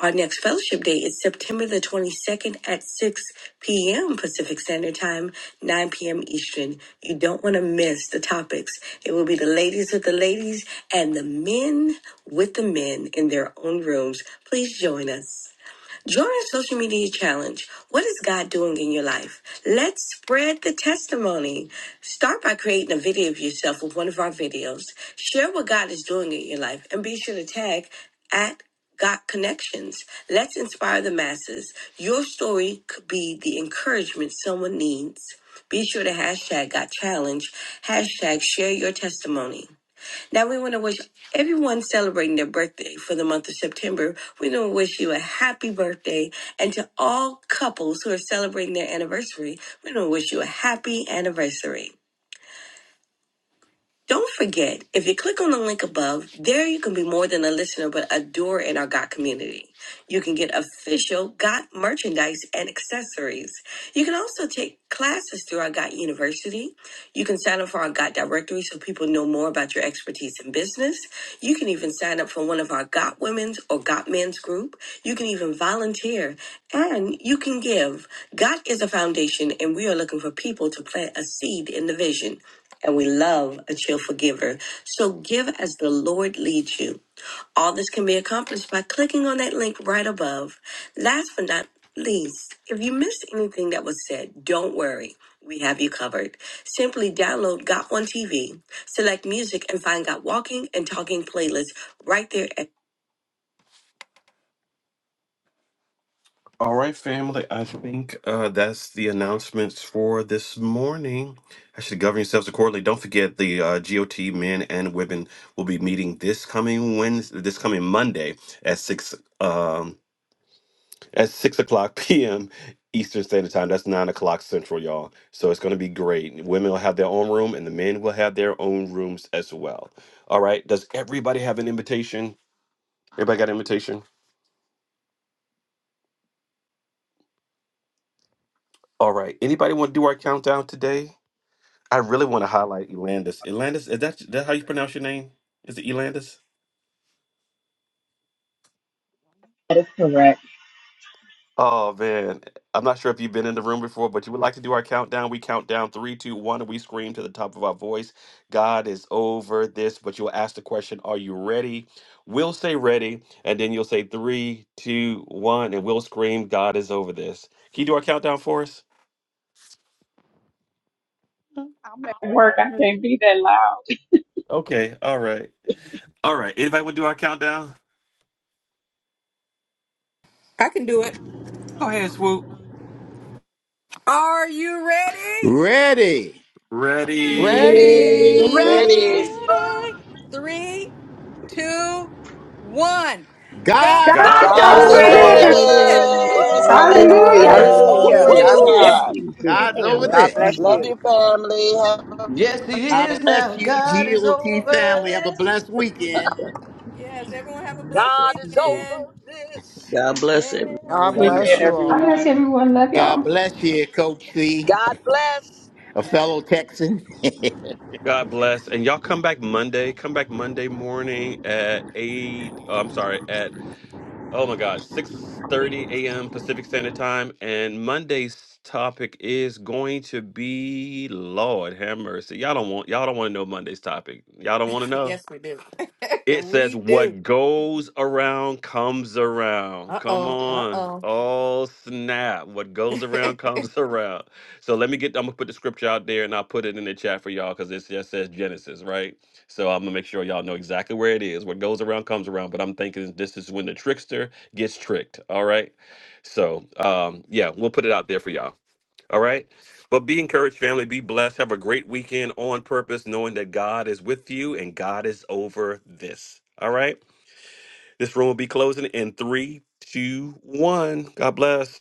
S1: Our next fellowship day is September the 22nd at 6 p.m. Pacific Standard Time, 9 p.m. Eastern. You don't want to miss the topics. It will be the ladies with the ladies and the men with the men in their own rooms. Please join us. Join our social media challenge. What is God doing in your life? Let's spread the testimony. Start by creating a video of yourself with one of our videos. Share what God is doing in your life and be sure to tag at God Connections. Let's inspire the masses. Your story could be the encouragement someone needs. Be sure to hashtag Got Challenge, hashtag share your testimony. Now we want to wish everyone celebrating their birthday for the month of September. We want to wish you a happy birthday, and to all couples who are celebrating their anniversary, we want to wish you a happy anniversary. Don't forget, if you click on the link above, there you can be more than a listener but a doer in our GOT community. You can get official GOT merchandise and accessories. You can also take classes through our GOT University. You can sign up for our GOT directory so people know more about your expertise in business. You can even sign up for one of our GOT women's or GOT men's group. You can even volunteer and you can give. GOT is a foundation and we are looking for people to plant a seed in the vision and we love a cheerful giver. So give as the Lord leads you. All this can be accomplished by clicking on that link right above. Last but not least, if you missed anything that was said, don't worry. We have you covered. Simply download Got One TV, select music, and find Got Walking and Talking playlists right there at All right, family. I think uh, that's the announcements for this morning. I should govern yourselves accordingly. Don't forget the uh, GOT men and women will be meeting this coming Wednesday, this coming Monday at six um, at six o'clock [laughs] p.m. Eastern Standard Time. That's nine o'clock Central, y'all. So it's going to be great. Women will have their own room, and the men will have their own rooms as well. All right. Does everybody have an invitation? Everybody got an invitation? All right. Anybody want to do our countdown today? I really want to highlight Elandis. Elandis, is that, that how you pronounce your name? Is it Elandis?
S12: That is correct.
S1: Oh man, I'm not sure if you've been in the room before, but you would like to do our countdown. We count down three, two, one, and we scream to the top of our voice. God is over this, but you'll ask the question, Are you ready? We'll say ready, and then you'll say three, two, one, and we'll scream, God is over this. Can you do our countdown for us?
S12: I'm at work. I
S1: Yes.
S12: can't be that loud.
S1: Okay, all right. All right. Anybody want to do our countdown?
S3: I can do it.
S1: Go ahead, swoop.
S3: Are you ready?
S2: Ready.
S13: God
S1: Ready.
S14: Ready.
S4: Ready.
S13: is
S3: Ready? Three, two, one.
S2: God's
S3: God's
S15: God's
S1: God's
S2: over
S10: God's
S4: God
S1: over
S15: over
S4: is
S7: God's
S10: over
S4: over
S3: over
S2: this.
S15: this.
S13: over
S1: this.
S7: over
S10: this.
S3: this.
S13: this.
S2: Woo!
S4: this.
S7: this.
S14: God
S13: Hallelujah.
S11: God
S15: Hallelujah.
S14: is
S4: Hallelujah.
S10: Whoop,
S14: over
S10: whoop,
S13: Hallelujah.
S4: Praise
S10: whoop,
S13: Thank you,
S11: bless
S14: this.
S10: whoop.
S4: God.
S13: Jesus.
S11: you.
S2: God's over
S13: Hallelujah,
S11: Bless
S2: this.
S11: you.
S13: Jesus.
S4: Love you, family. Have
S7: Yes, he
S2: God
S7: is
S2: bless
S7: now.
S2: you,
S7: God is over
S2: GOT family. Have a
S7: this.
S2: blessed weekend.
S3: Yes, everyone have a blessed
S10: God is
S3: weekend.
S10: over this.
S13: God bless everyone. I
S14: God
S13: Love
S12: Good
S3: Yes.
S14: bless
S13: y'all.
S12: Weekend,
S14: you
S15: God
S14: all.
S15: bless.
S12: everyone.
S2: God
S15: you.
S2: bless you, Coach C,
S10: God bless.
S2: a fellow Texan. [laughs]
S1: God
S3: [laughs]
S1: bless. And y'all come back Monday. Come back Monday morning at eight. Oh, I'm sorry, at oh my God, six thirty a.m. Pacific Standard Time. And Monday's topic is going to be Lord have mercy. Y'all don't want y'all don't want to know Monday's topic. Y'all don't want to know.
S3: Yes, we do. [laughs]
S1: It says,
S3: we do.
S1: What goes around comes around.
S3: Uh
S1: Come
S3: oh. Uh
S1: on. Oh, snap. What goes
S3: oh. [laughs]
S1: around comes [laughs] around. So let me get, I'm going to put the scripture out there and I'll put it in the chat for y'all because it just says Genesis, right? So I'm going to make sure y'all know exactly where it is. What goes around comes around. But I'm thinking this is when the trickster gets tricked. All right. So um, yeah, we'll put it out there for y'all. All right. But be encouraged, family. Be blessed. Have a great weekend on purpose, knowing that God is with you and God is over this. All right. This room will be closing in three, two, one. God bless.